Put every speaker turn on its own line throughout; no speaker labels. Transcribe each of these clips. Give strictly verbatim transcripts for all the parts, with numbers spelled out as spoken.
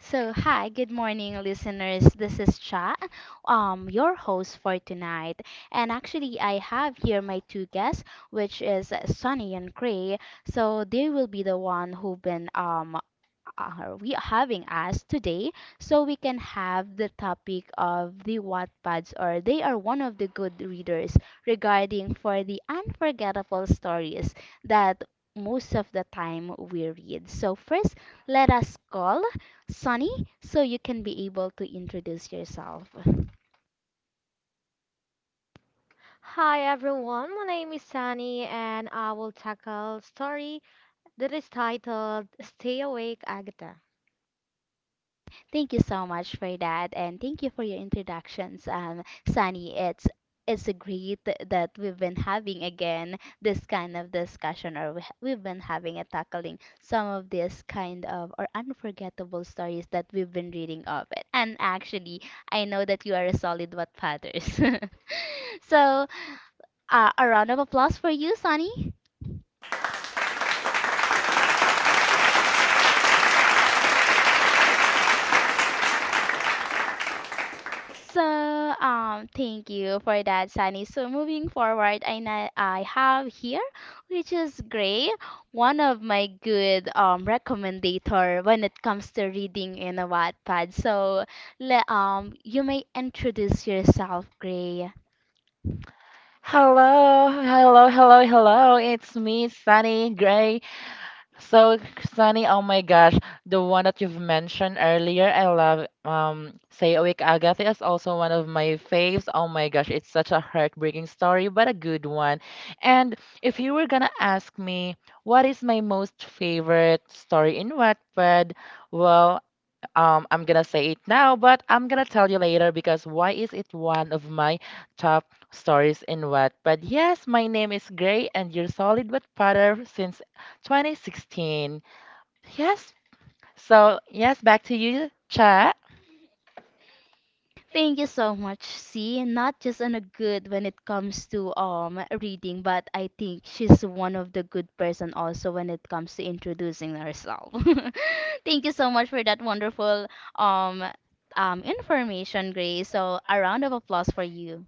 So, hi, good morning, listeners. This is Cha, um, your host for tonight. And actually, I have here my two guests, which is Sunny and Gray. So, they will be the one who've been um, are we having us today, so we can have the topic of the Wattpads, or they are one of the good readers regarding for the unforgettable stories that most of the time we read. So first, let us call Sunny so you can be able to introduce yourself.
Hi everyone, my name is Sunny and I will tackle story that is titled Stay Awake Agatha.
Thank you so much for that, and thank you for your introductions, um, Sunny. It's it's great that we've been having again this kind of discussion, or we, ha- we've been having and tackling some of this kind of or unforgettable stories that we've been reading of it. And actually, I know that you are a solid what fathers. So, uh, a round of applause for you, Sunny. So, um, thank you for that, Sunny. So, moving forward, I na- I have here, which is Gray, one of my good um recommendator when it comes to reading in a Wattpad. So, le- um, you may introduce yourself, Gray.
Hello, hello, hello, hello. It's me, Sunny Gray. So, Sunny, oh my gosh, the one that you've mentioned earlier, I love um Say Awake Agatha is also one of my faves. Oh my gosh, it's such a heartbreaking story, but a good one. And if you were gonna ask me what is my most favorite story in Wattpad, well, um, I'm gonna say it now, but I'm gonna tell you later because why is it one of my top stories in Wattpad? Yes, my name is Gray and you're solid Wattpadder since twenty sixteen. Yes, so yes, back to you, Cha.
Thank you so much. See, not just on a good when it comes to um reading, but I think she's one of the good person also when it comes to introducing herself. Thank you so much for that wonderful um um information, Grace. So a round of applause for you.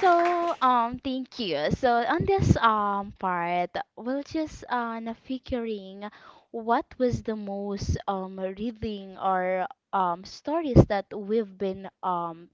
So, um, thank you. So, on this um part, we'll just uh na figuring what was the most um reading or um stories that we've been um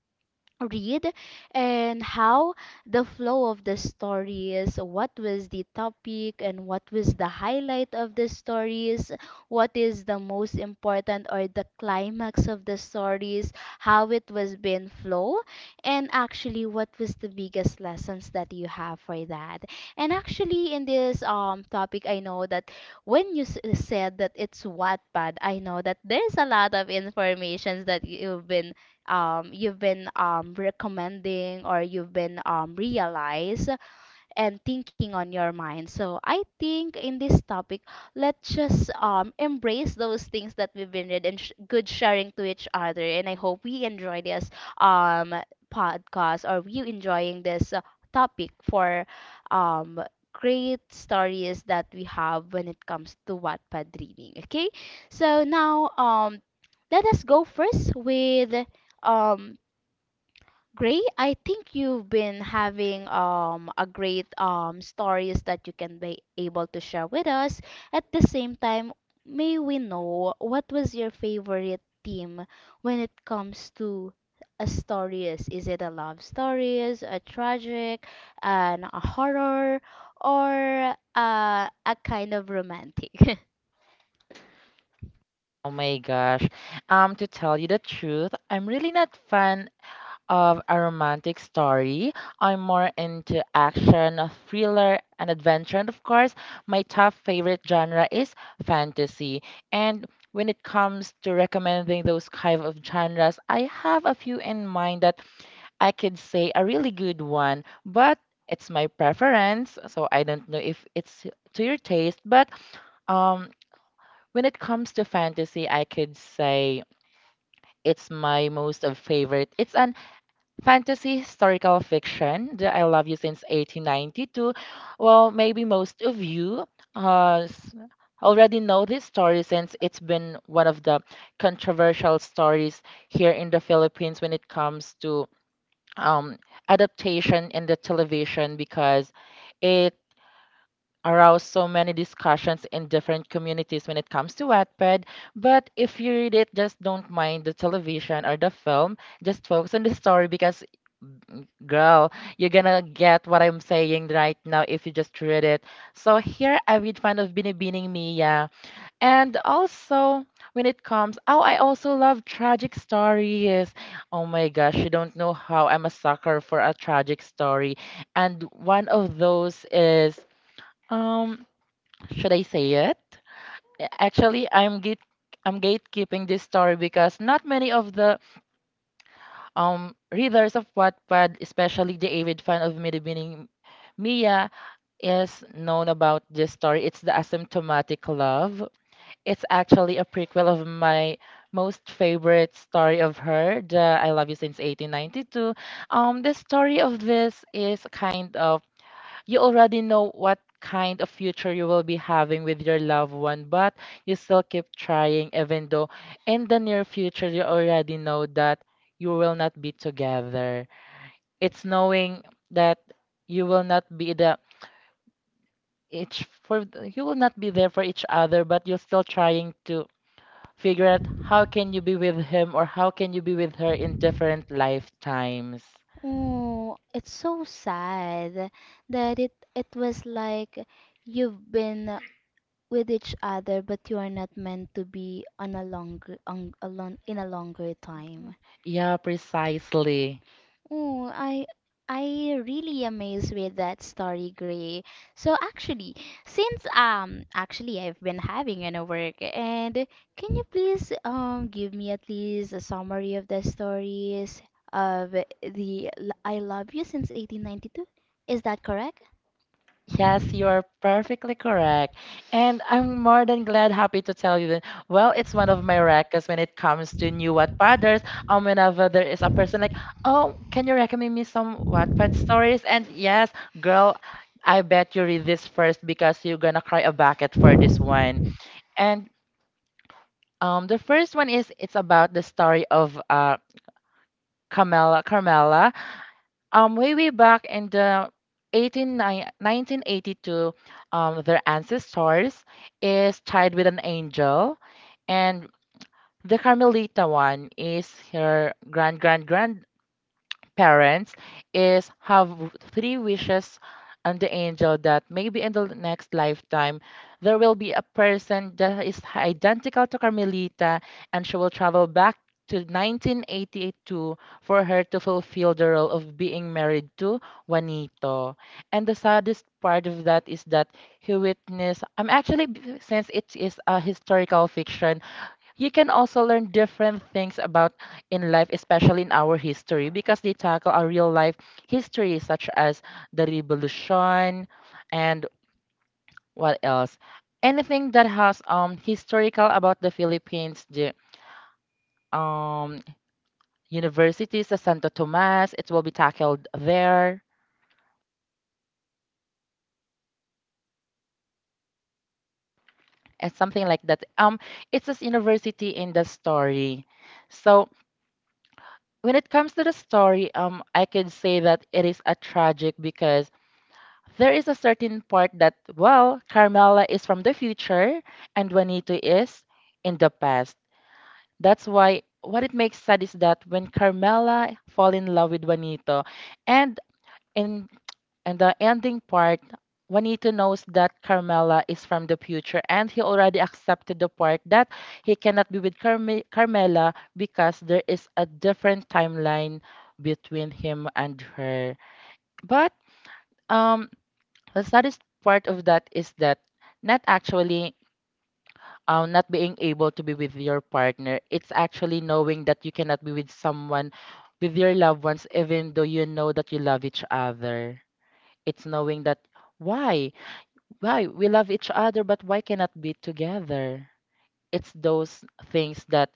read, and how the flow of the stories, what was the topic, and what was the highlight of the stories, what is the most important or the climax of the stories, how it was being flow, and actually what was the biggest lessons that you have for that. And actually in this um topic, I know that when you s- said that it's Wattpad, I know that there's a lot of informations that you've been um, you've been um, recommending, or you've been um, realize and thinking on your mind. So I think in this topic, let's just um, embrace those things that we've been read and sh- good sharing to each other. And I hope we enjoy this um, podcast, or you enjoying this uh, topic for um, great stories that we have when it comes to Wattpad reading. Okay, so now um, let us go first with um Gray. I think you've been having um a great um stories that you can be able to share with us. At the same time, may we know what was your favorite theme when it comes to a stories? Is it a love stories, a tragic, and a horror, or uh, a kind of romantic?
Oh my gosh. Um, to tell you the truth, I'm really not fan of a romantic story. I'm more into action, a thriller, and adventure. And of course, my top favorite genre is fantasy. And when it comes to recommending those kind of genres, I have a few in mind that I could say a really good one, but it's my preference, so I don't know if it's to your taste, but um when it comes to fantasy, I could say it's my most of favorite. It's an fantasy historical fiction that I love you since eighteen ninety-two. Well, maybe most of you uh, s- already know this story since it's been one of the controversial stories here in the Philippines when it comes to um, adaptation in the television because it aroused so many discussions in different communities when it comes to Wattpad. But if you read it, just don't mind the television or the film. Just focus on the story because, girl, you're gonna get what I'm saying right now if you just read it. So here I read fan of Binibining Mia. And also, when it comes, oh, I also love tragic stories. Oh my gosh, you don't know how I'm a sucker for a tragic story. And one of those is. Um, should I say it? Actually, I'm gate I'm gatekeeping this story because not many of the um readers of Wattpad, especially the avid fan of Miribining Mia, is known about this story. It's the asymptomatic love. It's actually a prequel of my most favorite story of her, the I Love You Since eighteen ninety-two. Um, the story of this is kind of you already know what kind of future you will be having with your loved one, but you still keep trying, even though in the near future you already know that you will not be together. It's knowing that you will not be the each for you will not be there for each other, but you're still trying to figure out how can you be with him or how can you be with her in different lifetimes.
Oh, it's so sad that it it was like you've been with each other, but you are not meant to be on a longer on a long, in a longer time.
Yeah, precisely.
Oh, I I really amazed with that story, Gray. So actually, since um actually I've been having an work, and can you please um give me at least a summary of the stories of the l- I Love You since eighteen ninety-two? Is that correct?
Yes, you are perfectly correct. And I'm more than glad, happy to tell you that, well, it's one of my records when it comes to new Wattpadders. Um, whenever there is a person like, oh, can you recommend me some Wattpad stories? And yes, girl, I bet you read this first because you're gonna cry a bucket for this one. And um, the first one is, it's about the story of uh, Carmela, Carmela um, way, way back in the eighteen, ni- nineteen eighty-two, um, their ancestors is tied with an angel, and the Carmelita one is her grand, grand, grand parents is have three wishes and the angel that maybe in the next lifetime there will be a person that is identical to Carmelita and she will travel back to nineteen eighty-two for her to fulfill the role of being married to Juanito. And the saddest part of that is that he witnessed, I'm actually, b- since it is a historical fiction, you can also learn different things about in life, especially in our history, because they tackle our real life history, such as the revolution and what else? Anything that has um historical about the Philippines, the um universities, the Santo Tomas, it will be tackled there and something like that. Um, it's this university in the story, so when it comes to the story, um, I could say that it is a tragic because there is a certain part that, well, Carmela is from the future and Juanito is in the past. That's why what it makes sad is that when Carmela fall in love with Juanito and in and the ending part, Juanito knows that Carmela is from the future and he already accepted the part that he cannot be with Carme- Carmela because there is a different timeline between him and her. But um the saddest part of that is that not actually um, not being able to be with your partner. It's actually knowing that you cannot be with someone, with your loved ones, even though you know that you love each other. It's knowing that why? Why? We love each other, but why cannot be together? It's those things that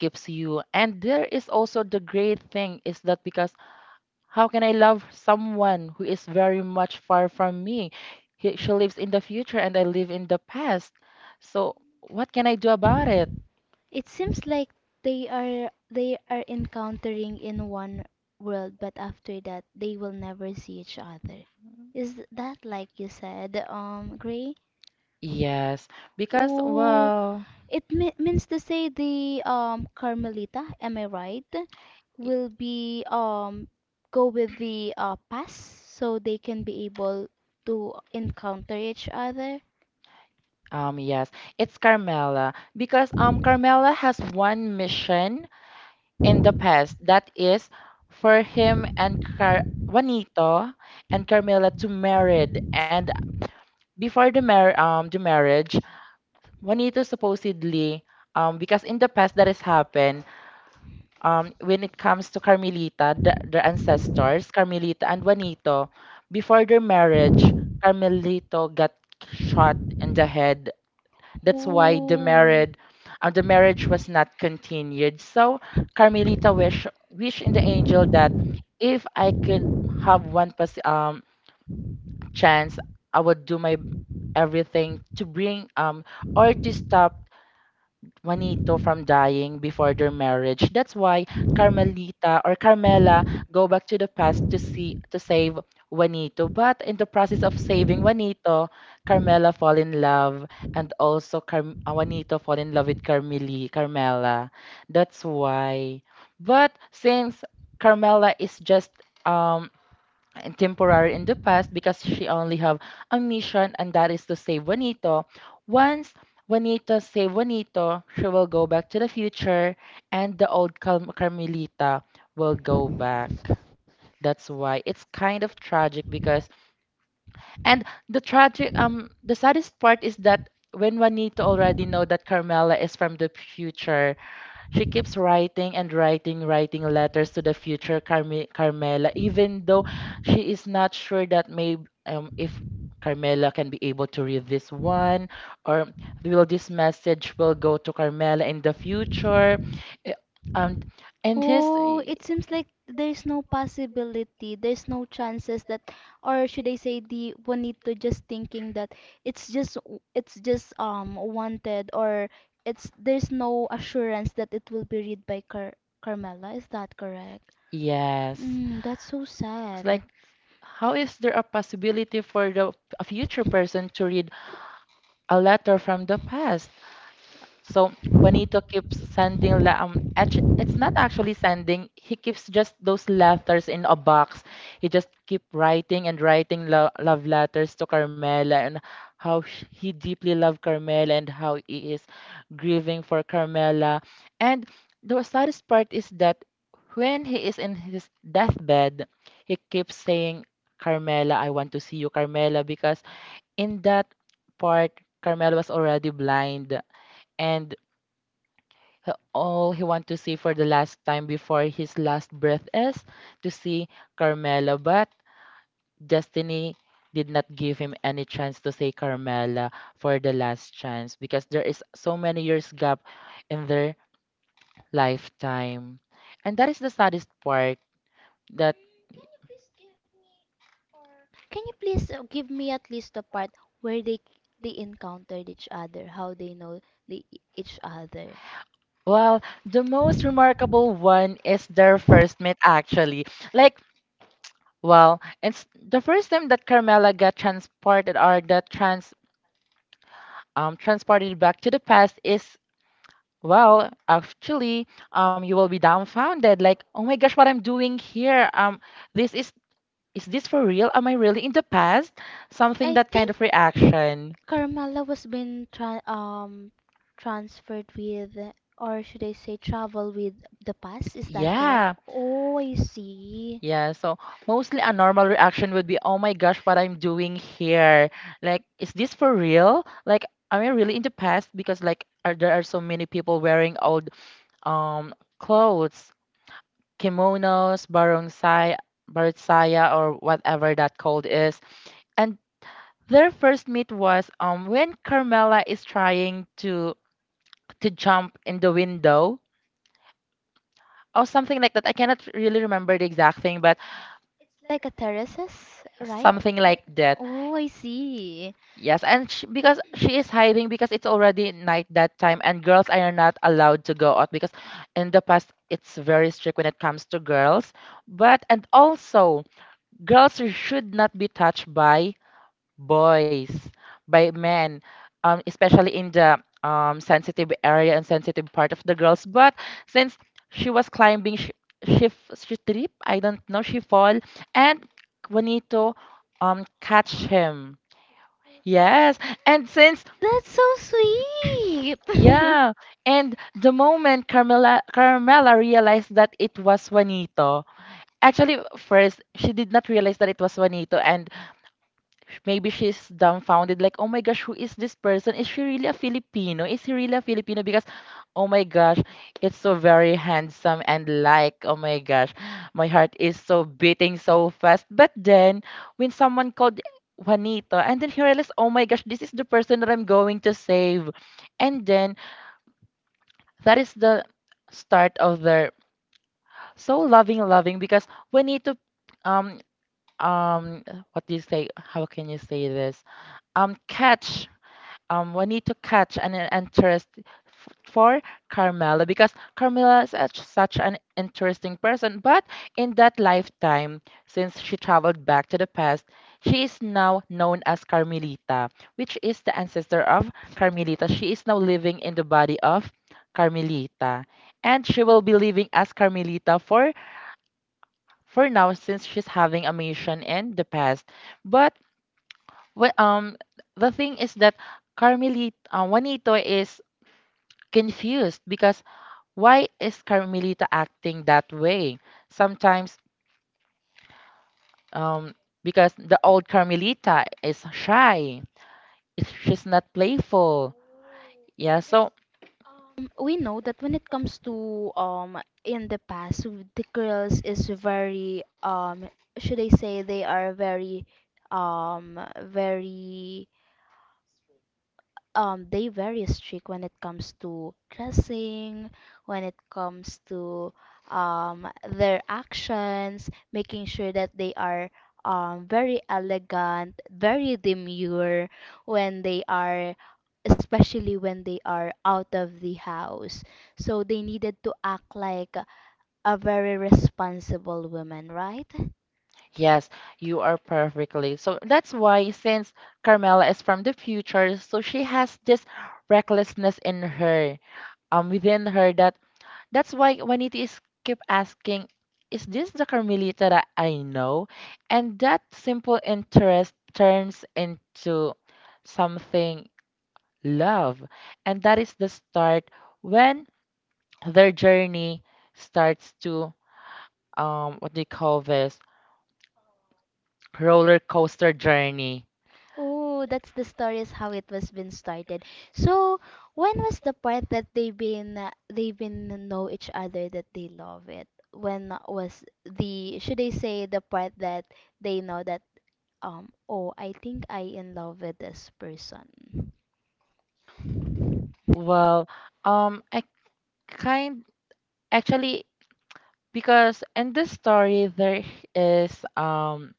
keeps you. And there is also the great thing is that because how can I love someone who is very much far from me? He, she lives in the future and I live in the past. So, what can I do about it?
It seems like they are they are encountering in one world, but after that they will never see each other. Is that like you said, um, Gray?
Yes, because
Oh,
well,
it me- means to say the um Carmelita, am I right? Will be um go with the uh past so they can be able to encounter each other.
um, yes, it's Carmela because um, Carmela has one mission in the past that is for him and Car Juanito and Carmela to married and before the mar um the marriage Juanito supposedly, um, because in the past that has happened, um, when it comes to Carmelita, the, their ancestors, Carmelita and Juanito, before their marriage, Carmelito got shot in the head. That's why the
Oh.
marriage, um, the marriage was not continued. So Carmelita wish, wish in the angel that if I could have one pos- um chance, I would do my everything to bring um or to stop Juanito from dying before their marriage. That's why Carmelita or Carmela go back to the past to see to save Juanito. But in the process of saving Juanito, Carmela fall in love and also Carm- uh, Juanito fall in love with Carmeli, Carmela. That's why. But since Carmela is just um and temporary in the past because she only have a mission and that is to save Juanito. Once Juanito save Juanito, she will go back to the future and the old Carm- Carmelita will go back. That's why it's kind of tragic because and the tragic um the saddest part is that when Juanito already know that Carmela is from the future, she keeps writing and writing, writing letters to the future Carmi- Carmela, even though she is not sure that maybe um, if Carmela can be able to read this one, or will this message will go to Carmela in the future. Eh, Um, and his
Oh, it seems like there's no possibility, there's no chances that, or should I say the Juanito just thinking that it's just w- it's just um wanted, or it's there's no assurance that it will be read by Car Carmela. Is that correct?
yes,
Mm, that's so
it's like
sad.
how is there a possibility for the a future person to read a letter from the past? So Juanito keeps sending la- um actu- it's not actually sending he keeps just those letters in a box. He just keep writing and writing lo- love letters to Carmela and how sh- he deeply loved Carmela and how he is grieving for Carmela. And the saddest part is that when he is in his deathbed, he keeps saying Carmela, I want to see you Carmela because in that part Carmela was already blind and he- all he wants to see for the last time before his last breath is to see Carmela, but destiny did not give him any chance to see Carmela for the last chance because there is so many years gap in their lifetime. And that is the saddest part that
Can you please uh, give me at least the part where they they encountered each other, how they know the each other?
well, the most remarkable one is their first meet actually. Like, well, it's the first time that Carmela got transported or that trans um, transported back to the past is well actually um, you will be dumbfounded like oh my gosh what I'm doing here um this is is this for real am I really in the past something
I
that kind
think.
of reaction
Carmela was being tra- um transferred with, or should I say, travel with the past. Is that correct?
yeah
Oh, I see.
yeah, so mostly a normal reaction would be, oh my gosh, what I'm doing here. Like, is this for real? Like, am I really in the past? Because like are, there are so many people wearing old um clothes. Kimonos, baronsai, baronsaya, or whatever that called is. And their first meet was um when Carmela is trying to to jump in the window or something like that. I cannot really remember the exact thing, but
Like a terraces, right?
something like that.
Oh, I see.
Yes, and she, because she is hiding because it's already night that time, and girls are not allowed to go out because in the past it's very strict when it comes to girls. But and also girls should not be touched by boys, by men, um, especially in the um, sensitive area and sensitive part of the girls. But since she was climbing, she she, f- she trip. I don't know. She fall, and Juanito um catch him. Yes, and since
That's so sweet.
yeah, and the moment Carmela Carmela realized that it was Juanito. Actually, first she did not realize that it was Juanito, and sh- maybe she's dumbfounded, like, oh my gosh, who is this person? Is she really a Filipino? Is he really a Filipino? Because, oh my gosh, it's so very handsome and like, oh my gosh, my heart is so beating so fast. But then, when someone called Juanito, and then he realized, oh my gosh, this is the person that I'm going to save. And then, that is the start of their so loving, loving, because Juanito, um, um, what do you say? How can you say this? Um, catch um, we need to catch an in- interest f- for Carmela because Carmela is such, such an interesting person. But in that lifetime, since she traveled back to the past, she is now known as Carmelita, which is the ancestor of Carmelita. She is now living in the body of Carmelita, and she will be living as Carmelita for for now since she's having a mission in the past. But wh- um, the thing is that Carmelita uh, Juanito is confused because why is Carmelita acting that way? Sometimes, um, because the old Carmelita is shy, is- she's not playful. Yeah, so
Um, We know that when it comes to um in the past, w- the girls is very um should I say they are very um very um they very strict when it comes to dressing, when it comes to um their actions, making sure that they are um very elegant, very demure when they are especially when they are out of the house. So they needed to act like a very responsible woman, right?
yes, you are perfectly. So that's why since Carmela is from the future, so she has this recklessness in her, um, within her that That's why Juanita is keep asking, is this the Carmelita that I know? And that simple interest turns into something love. And that is the start when their journey starts to um what do you call this? Roller coaster journey.
Oh, that's the story is how it was been started. So, when was the part that they been they been know each other that they love it? When was the should I say the part that they know that um oh I think I in love with this person?
Well, um I kind actually because in this story there is um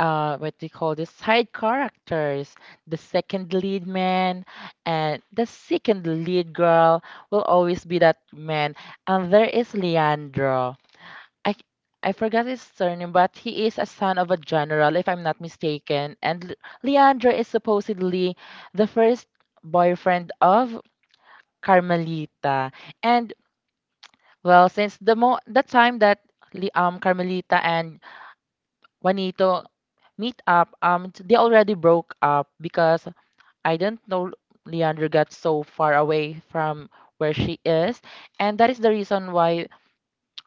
uh what they call the side characters, the second lead man and the second lead girl will always be that man. And there is Leandro. I I forgot his surname, but he is a son of a general, if I'm not mistaken. And Le- Leandro is supposedly the first boyfriend of Carmelita. And well, since the mo the time that Le- um Carmelita and Juanito meet up. Um, t- they already broke up because I didn't know Leandro got so far away from where she is, and that is the reason why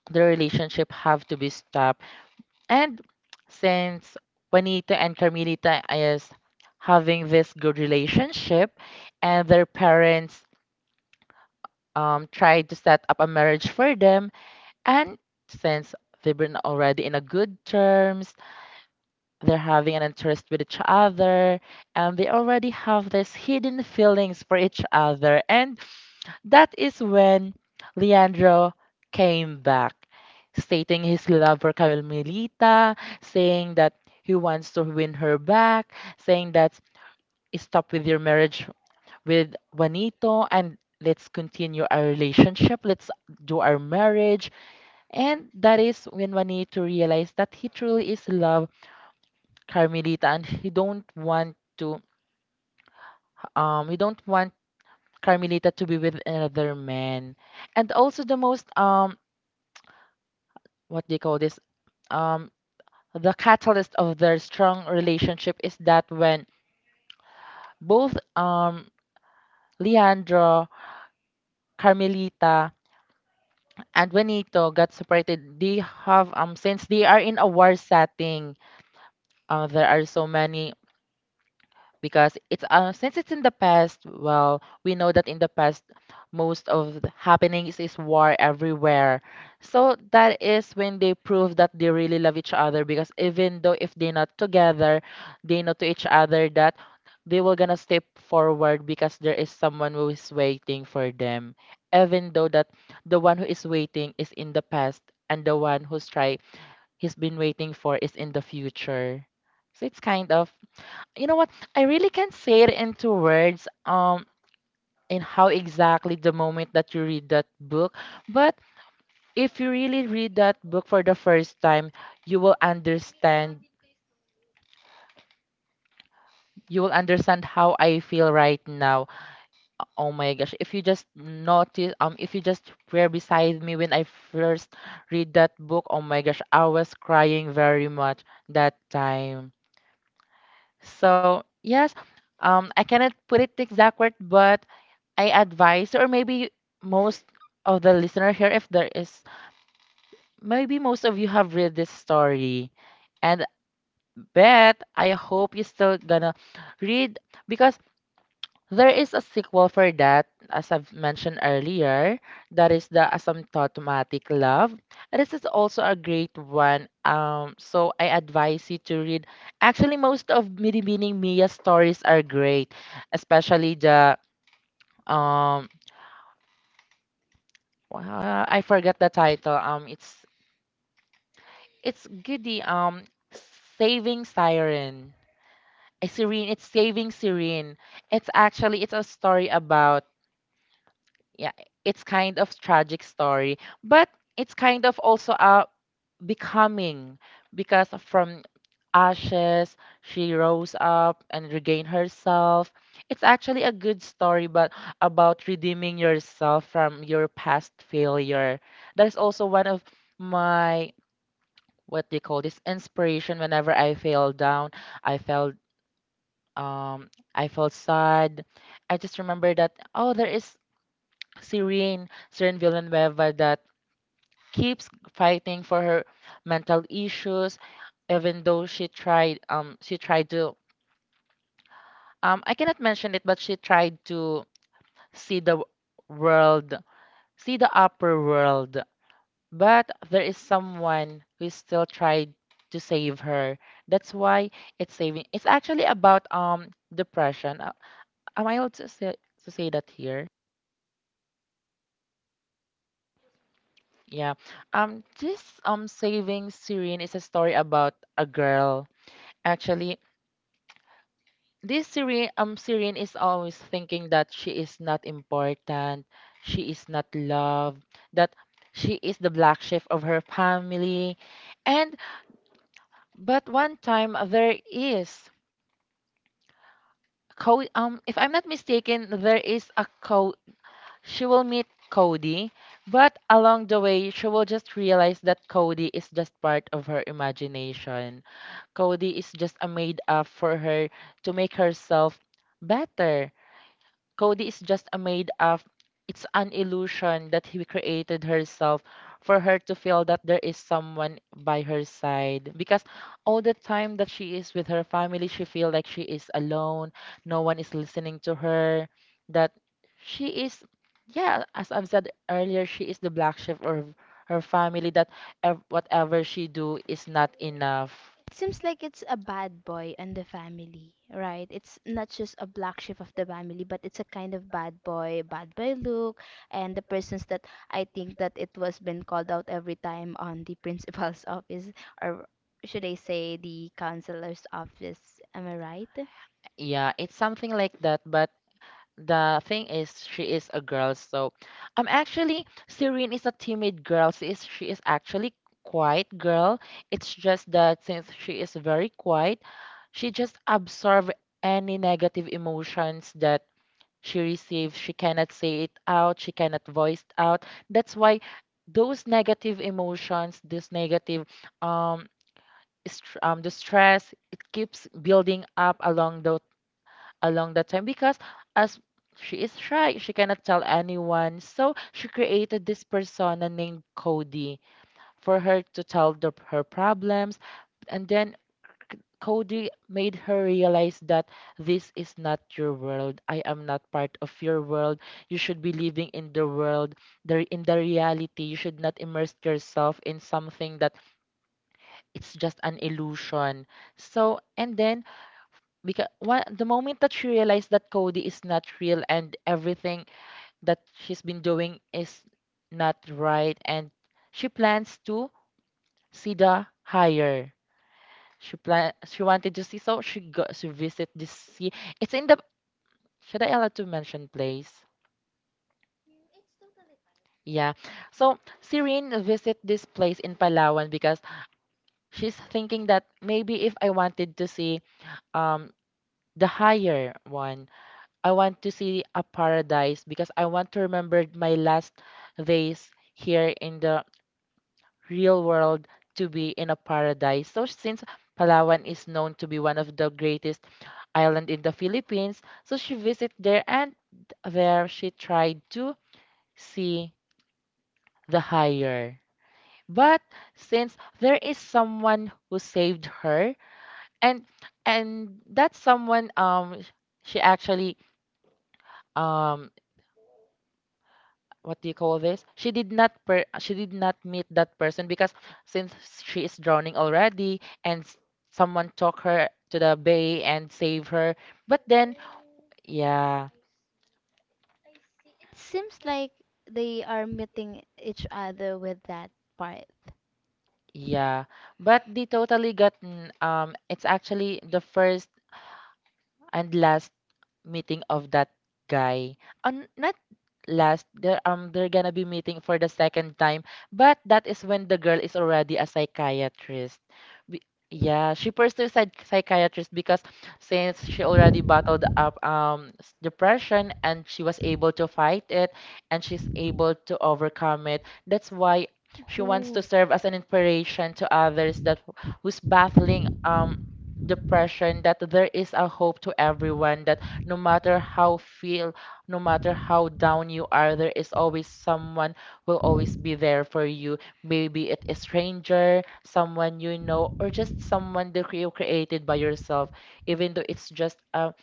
the relationship have to be stopped. And since Juanito and Carmelita is having this good relationship, and their parents um tried to set up a marriage for them, and since they've been already in a good terms, they're having an interest with each other, and they already have these hidden feelings for each other. And that is when Leandro came back, stating his love for Carmelita, saying that he wants to win her back, saying that stop with your marriage with Juanito and let's continue our relationship, let's do our marriage. And that is when Juanito realized that he truly is in love Carmelita, and he don't want to um he don't want Carmelita to be with another man. And also the most um what do you call this? Um the catalyst of their strong relationship is that when both um Leandro, Carmelita, and Juanito got separated, they have um since they are in a war setting, uh, there are so many because it's uh, since it's in the past, well, we know that in the past most of the happenings is war everywhere. So that is when they prove that they really love each other, because even though if they're not together, they know to each other that they will gonna step forward because there is someone who is waiting for them, even though that the one who is waiting is in the past and the one who's try he's been waiting for is in the future. So it's kind of, you know what, I really can't say it into words, um in how exactly the moment that you read that book. But if you really read that book for the first time, you will understand, you will understand how I feel right now. Oh my gosh, if you just notice, um, if you just were beside me when I first read that book, oh my gosh, I was crying very much that time. So yes, um, I cannot put it exact word, but I advise, or maybe most of the listener here, if there is, maybe most of you have read this story, and bet I hope you still gonna read, because there is a sequel for that, as I've mentioned earlier. That is the Asymptomatic Love. And this is also a great one. Um, so I advise you to read. Actually, most of Midi Mia's stories are great, especially the um wow, I forgot the title. Um, it's it's goody. Um, Saving Siren. Eh, Serene. It's Saving Serene. It's actually it's a story about, yeah, it's kind of tragic story, but it's kind of also a becoming, because from ashes she rose up and regained herself. It's actually a good story, but about redeeming yourself from your past failure. That is also one of my what they call this inspiration whenever I fell down, I felt um I felt sad. I just remember that, oh, there is Serene, Serene Villanueva that keeps fighting for her mental issues, even though she tried um she tried to um I cannot mention it, but she tried to see the world, see the upper world. But there is someone who still tried to save her. That's why it's saving. It's actually about um depression. Uh, am I allowed to say to say that here? Yeah. Um this um saving Syrian is a story about a girl. Actually, this Syrian um Syrian is always thinking that she is not important, she is not loved, that she is the black sheep of her family. And but one time there is Co um if I'm not mistaken, there is a co she will meet Cody, but along the way she will just realize that Cody is just part of her imagination. Cody is just a made up for her to make herself better. Cody is just a made up. It's an illusion that he created herself for her to feel that there is someone by her side. Because all the time that she is with her family, she feel like she is alone. No one is listening to her. That she is, yeah, as I've said earlier, she is the black sheep of her family. That ev- whatever she do is not enough.
Seems like it's a bad boy in the family, right? It's not just a black sheep of the family, but it's a kind of bad boy, bad boy look, and the persons that I think that it was been called out every time on the principal's office, or should I say the counselor's office? Am I right?
Yeah, it's something like that, but the thing is she is a girl, so I'm actually Serene is a timid girl. She is she is actually quiet girl. It's just that since she is very quiet, she just absorb any negative emotions that she receives. She cannot say it out, she cannot voice it out. That's why those negative emotions, this negative um str- um the stress, it keeps building up along the along that time because as she is shy, she cannot tell anyone. So she created this persona named Cody for her to tell the, her problems. And then Cody made her realize that this is not your world. I am not part of your world. You should be living in the world, the, in the reality. You should not immerse yourself in something that it's just an illusion. So, and then because what the moment that she realized that Cody is not real and everything that she's been doing is not right, and she plans to see the higher she plan she wanted to see so she got. She visit this sea. It's in the should I allow to mention place. Yeah. So Serene visit this place in Palawan because she's thinking that maybe if I wanted to see um the higher one, I want to see a paradise, because I want to remember my last days here in the real world to be in a paradise. So since Palawan is known to be one of the greatest island in the Philippines, so she visit there, and there she tried to see the higher. But since there is someone who saved her, and and that someone um she actually um what do you call this? She did not per she did not meet that person because since she is drowning already and s- someone took her to the bay and save her. But then, yeah,
Seems like they are meeting each other with that part.
yeah. But they totally gotten um it's actually the first and last meeting of that guy. Um, not last. They're um they're gonna be meeting for the second time, but that is when the girl is already a psychiatrist. Be- yeah, she pursued psych- psychiatrist because since she already battled up um s- depression, and she was able to fight it, and she's able to overcome it. That's why she wants to
Oh.
serve as an inspiration to others that who's battling um depression, that there is a hope to everyone that no matter how feel, no matter how down you are, there is always someone, will always be there for you. Maybe it is stranger, someone you know, or just someone that you created by yourself, even though it's just a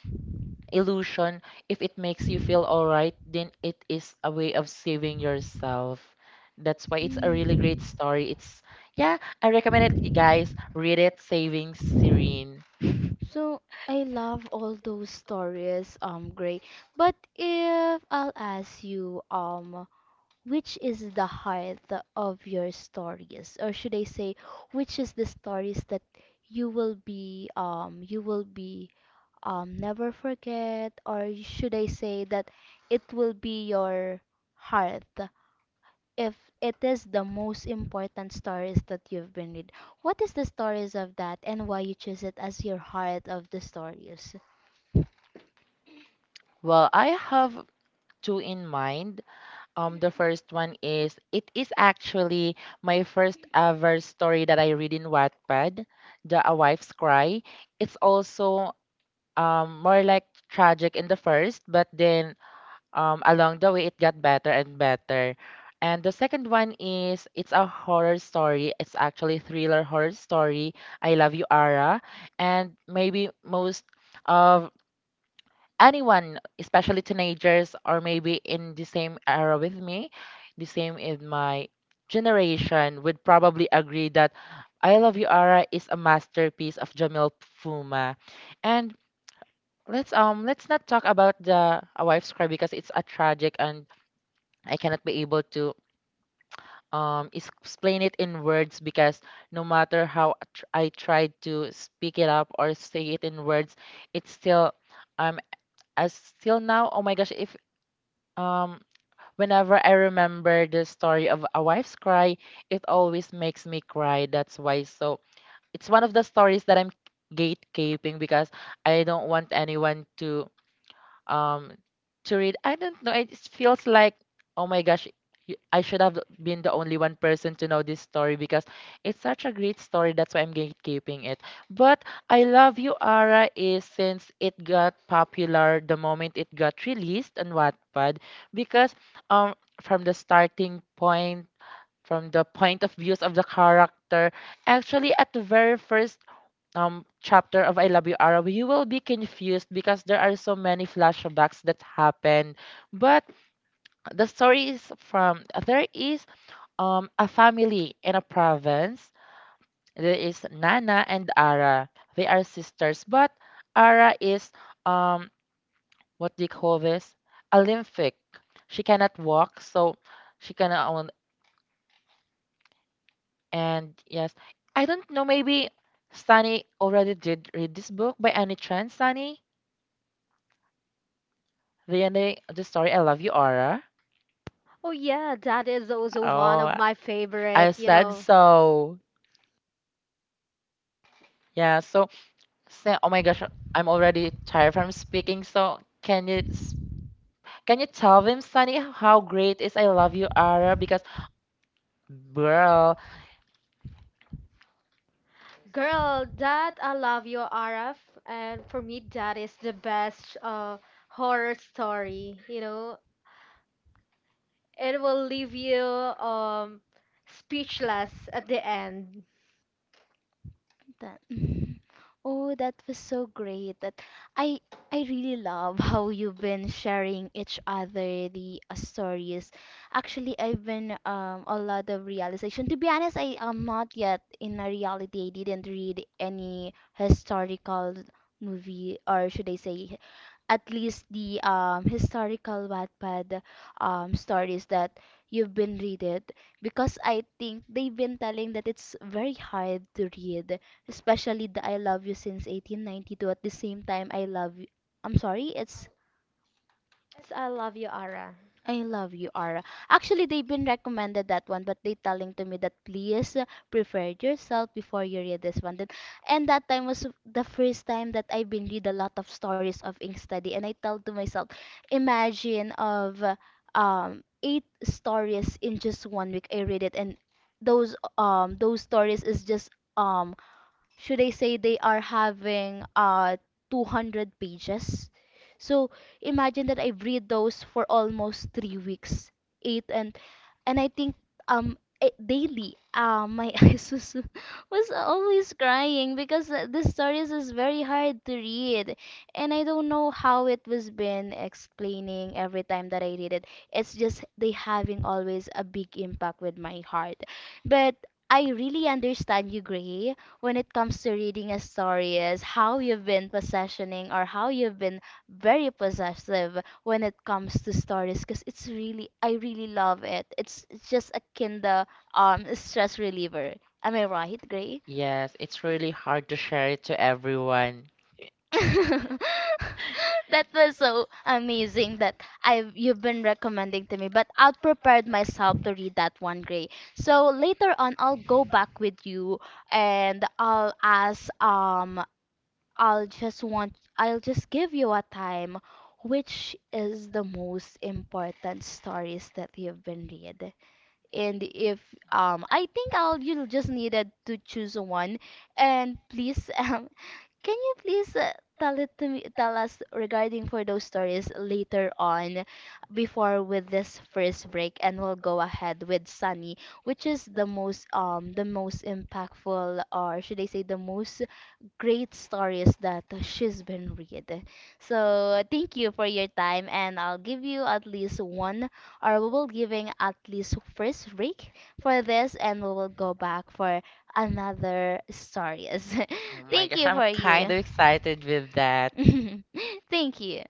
illusion. If it makes you feel all right, then it is a way of saving yourself. That's why it's a really great
Mm.
story. It's yeah, I recommend it, you guys read it, Saving Serene.
So I love all those stories, um, Gray. But if I'll ask you, um, which is the heart of your stories, or should I say, which is the stories that you will be, um, you will be, um, never forget, or should I say that it will be your heart if it is the most important stories that you've been read. What is the stories of that and why you choose it as your heart of the stories?
Well, I have two in mind. Um, the first one is it is actually my first ever story that I read in Wattpad, the A Wife's Cry. It's also um more like tragic in the first, but then um along the way it got better and better. And the second one is it's a horror story. It's actually thriller horror story. I love you, Ara. And maybe most of anyone, especially teenagers or maybe in the same era with me, the same in my generation, would probably agree that I Love You Ara is a masterpiece of Jamil Fuma. And let's um let's not talk about the A Wife's Cry because it's a tragic and I cannot be able to um is- explain it in words, because no matter how I tr- I tried to speak it up or say it in words, it's still um as still now, oh my gosh, if Um, whenever I remember the story of A Wife's Cry, it always makes me cry. That's why. So it's one of the stories that I'm gatekeeping, because I don't want anyone to um to read. I don't know, it just feels like, oh my gosh, y- I should have been the only one person to know this story because it's such a great story. That's why I'm gatekeeping it. But I Love You Ara is, since it got popular the moment it got released on Wattpad, because um from the starting point, from the point of views of the character, actually at the very first um chapter of I Love You Arab, you will be confused because there are so many flashbacks that happen. But the story is, from there is um a family in a province. There is Nana and Ara. They are sisters, but Ara is um what do you call this? Olympic. She cannot walk, so she cannot own, and yes. I don't know, maybe Sunny already did read this book by any chance, Sunny? The ending the story, I Love You, Aura.
Oh yeah, that is also one of
Oh,
my
I
favorite, you
said
know.
so. Yeah, so say, oh my gosh, I'm already tired from speaking. So can you s- can you tell them, Sunny, how great is I Love You, Aura? Because girl,
Girl, that I love your R F and for me that is the best uh, horror story, you know. It will leave you um speechless at the end.
That Oh, that was so great. That I I really love how you've been sharing each other the uh, stories. Actually, I've been um a lot of realization. To be honest, I am not yet in a reality. I didn't read any historical movie, or should I say at least the um, historical Wattpad um, stories that you've been reading, because I think they've been telling that it's very hard to read, especially the I Love You Since eighteen ninety-two, at the same time I Love You. I'm sorry, it's
Yes, I love you, Ara.
I Love You, Ara. Actually, they've been recommended that one, but they telling to me that please uh, prepare yourself before you read this one. Then, and that time was the first time that I've been read a lot of stories of ink study, and I tell to myself, imagine of uh, um eight stories in just one week. I read it, and those um those stories is just um should I say they are having uh two hundred pages. So imagine that I've read those for almost three weeks, eight and and I think um eh, daily uh, my eyes was, was always crying because uh, the stories is very hard to read, and I don't know how it was been explaining every time that I read it. It's just they having always a big impact with my heart. But I really understand you, Gray, when it comes to reading a story is how you've been possessing or how you've been very possessive when it comes to stories because it's really I really love it. It's it's just a kinda um stress reliever. Am I right, Gray?
yes, it's really hard to share it to everyone.
That was so amazing that I've you've been recommending to me, but I'll prepare myself to read that one, Gray. So later on, I'll go back with you, and I'll ask um I'll just want I'll just give you a time, which is the most important stories that you've been read. And if um I think I'll you'll just needed to choose one, and please um can you please uh, tell it to me tell us regarding for those stories later on before with this first break, and we'll go ahead with Sunny, which is the most um the most impactful, or should I say the most great stories that she's been read. So thank you for your time, and I'll give you at least one, or we will giving at least first break for this, and we will go back for another stories.
Oh my
Thank
gosh,
you
I'm
for
kind
you.
of excited with that.
Thank you.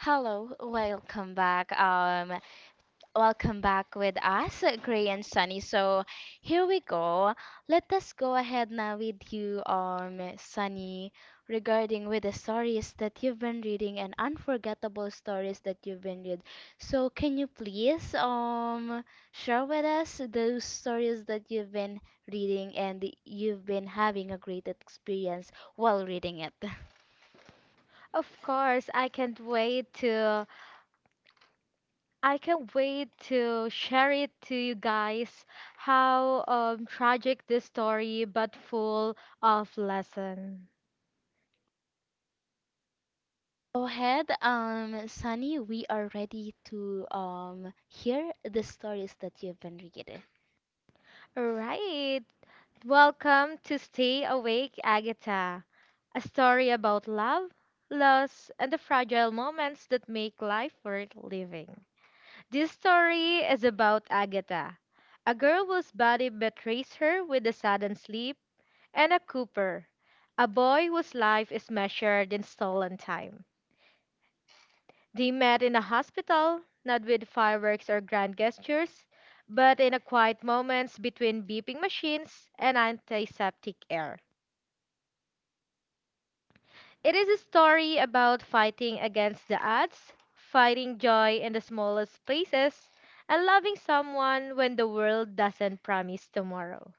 Hello, welcome back. Um, Welcome back with us, Gray and Sunny. So here we go. Let us go ahead now with you, um, Sunny, regarding with the stories that you've been reading and unforgettable stories that you've been read. So can you please um share with us those stories that you've been reading and you've been having a great experience while reading it?
Of course, I can't wait to I can't wait to share it to you guys how um, tragic this story but full of lesson.
Go ahead, um, Sunny. We are ready to um hear the stories that you've been reading.
Alright, welcome to Stay Awake Agatha, a story about love, loss, and the fragile moments that make life worth living. This story is about Agatha, a girl whose body betrays her with a sudden sleep, and a Cooper, a boy whose life is measured in stolen time. They met in a hospital, not with fireworks or grand gestures, but in a quiet moments between beeping machines and antiseptic air. It is a story about fighting against the odds, finding joy in the smallest places, and loving someone when the world doesn't promise tomorrow.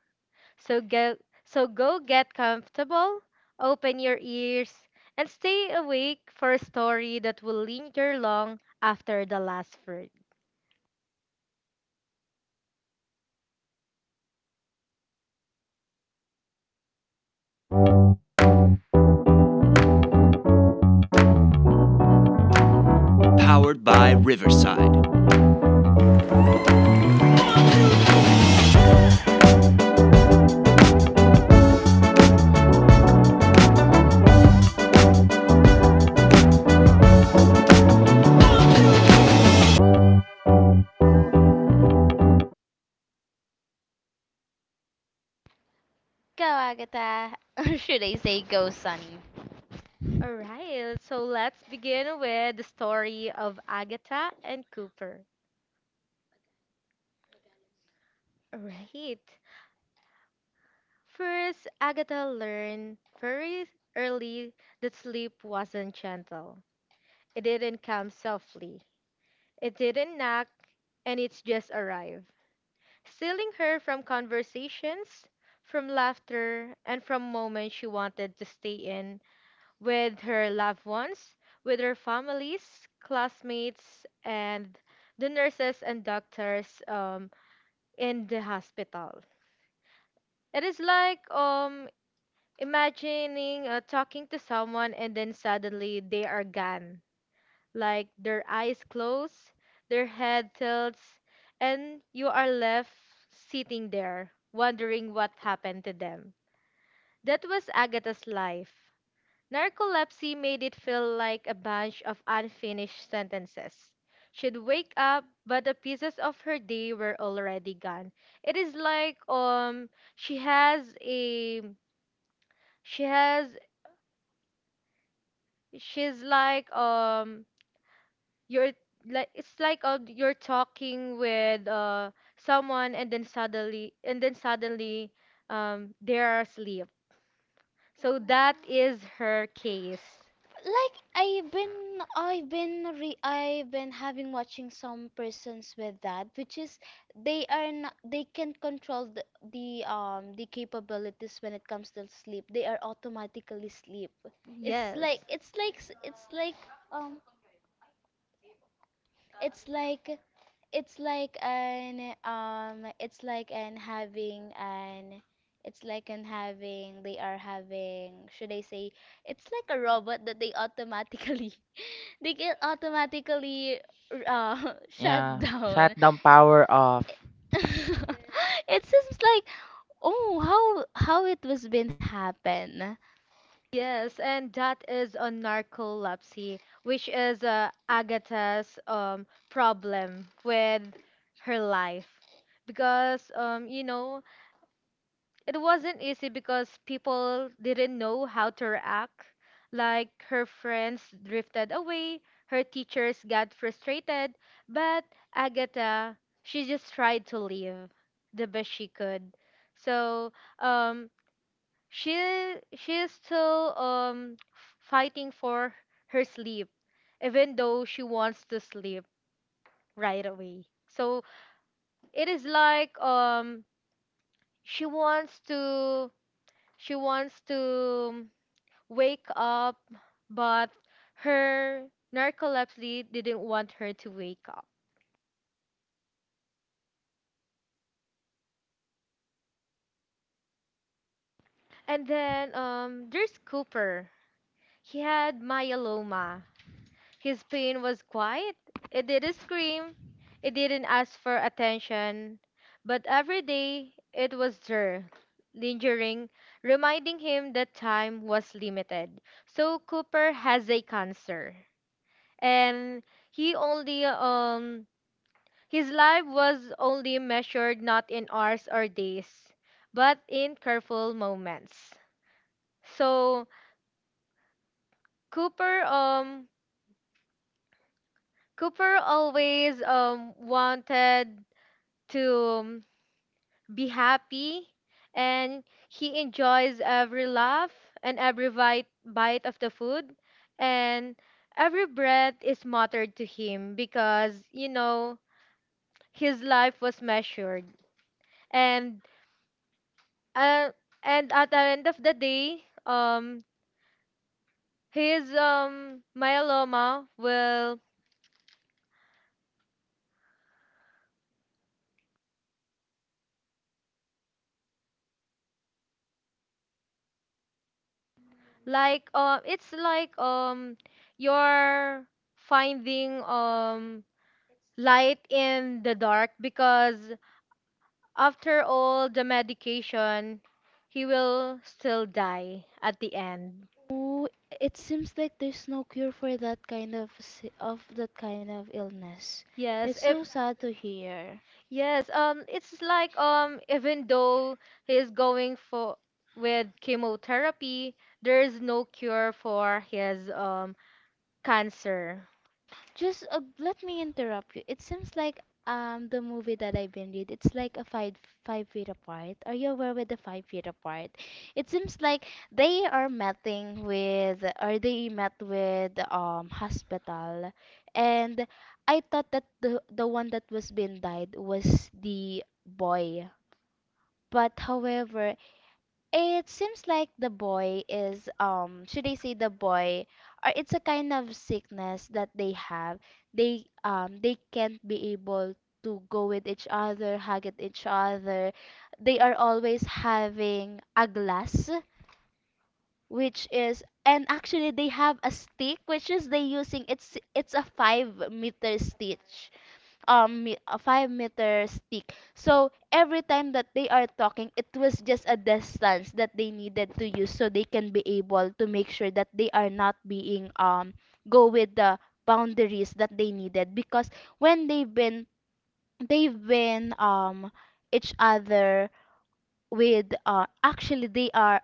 So go, so go get comfortable, open your ears, and stay awake for a story that will linger long after the last word.
Go, Agatha. Or should I say, go, Sunny?
All right, so let's begin with the story of Agatha and Cooper. All right. First, Agatha learned very early that sleep wasn't gentle. It didn't come softly. It didn't knock, and it just arrived, stealing her from conversations, from laughter, and from moments she wanted to stay in with her loved ones, with her families, classmates, and the nurses and doctors um, in the hospital. It is like um, imagining uh, talking to someone and then suddenly they are gone. Like their eyes close, their head tilts, and you are left sitting there wondering what happened to them. That was Agatha's life. Narcolepsy made it feel like a bunch of unfinished sentences. She'd wake up, but the pieces of her day were already gone. It is like um she has a she has she's like um you're like it's like um, you're talking with uh someone and then suddenly and then suddenly um they are asleep. So that is her case.
like I've been I've been re I've been having watching some persons with that, which is they are not, they can control the, the um the capabilities when it comes to sleep. They are automatically sleep. it's
Yes.
like it's like s- it's like um it's like It's like an um it's like an having an it's like an having they are having should I say, it's like a robot that they automatically they get automatically uh shut
Yeah,
down.
shut down, power off.
It it seems like, oh, how how it was been happen.
Yes, and that is a narcolepsy, which is uh, Agatha's um, problem with her life. Because, um, you know, it wasn't easy because people didn't know how to react. Like, her friends drifted away, her teachers got frustrated, but Agatha, she just tried to live the best she could. So, um, she she is still um f- fighting for her sleep, even though she wants to sleep right away. So it is like um she wants to she wants to wake up, but her narcolepsy didn't want her to wake up. And then um there's Cooper. He had myeloma. His pain was quiet. It didn't scream. It didn't ask for attention. But every day, it was there, lingering, reminding him that time was limited. So Cooper has a cancer. And he only, um, his life was only measured not in hours or days, but in careful moments. So Cooper, um, Cooper always um wanted to um, be happy and he enjoys every laugh and every bite, bite of the food and every breath is muttered to him because you know his life was measured and uh, and at the end of the day um his um myeloma will like um it's like um you're finding um light in the dark because after all the medication he will still die at the end.
Oh, it seems like there's no cure for that kind of si- of that kind of illness. It's
Yes,
so
if
sad to hear.
yes, um it's like um even though he's going for with chemotherapy there is no cure for his um cancer.
Just uh, let me interrupt you. It seems like um the movie that I've been read, it's like a five five feet apart. Are you aware with the five feet apart? It seems like they are meeting with, or they met with um hospital, and I thought that the the one that was being died was the boy. But however, it seems like the boy is, um should I say the boy, or it's a kind of sickness that they have. They um they can't be able to go with each other, hug at each other. They are always having a glass, which is, and actually they have a stick which is they using, it's it's a five meter stitch, um me- a five meter stick. So every time that they are talking, it was just a distance that they needed to use, so they can be able to make sure that they are not being um go with the boundaries that they needed. Because when they've been, they've been um each other with, uh actually, they are,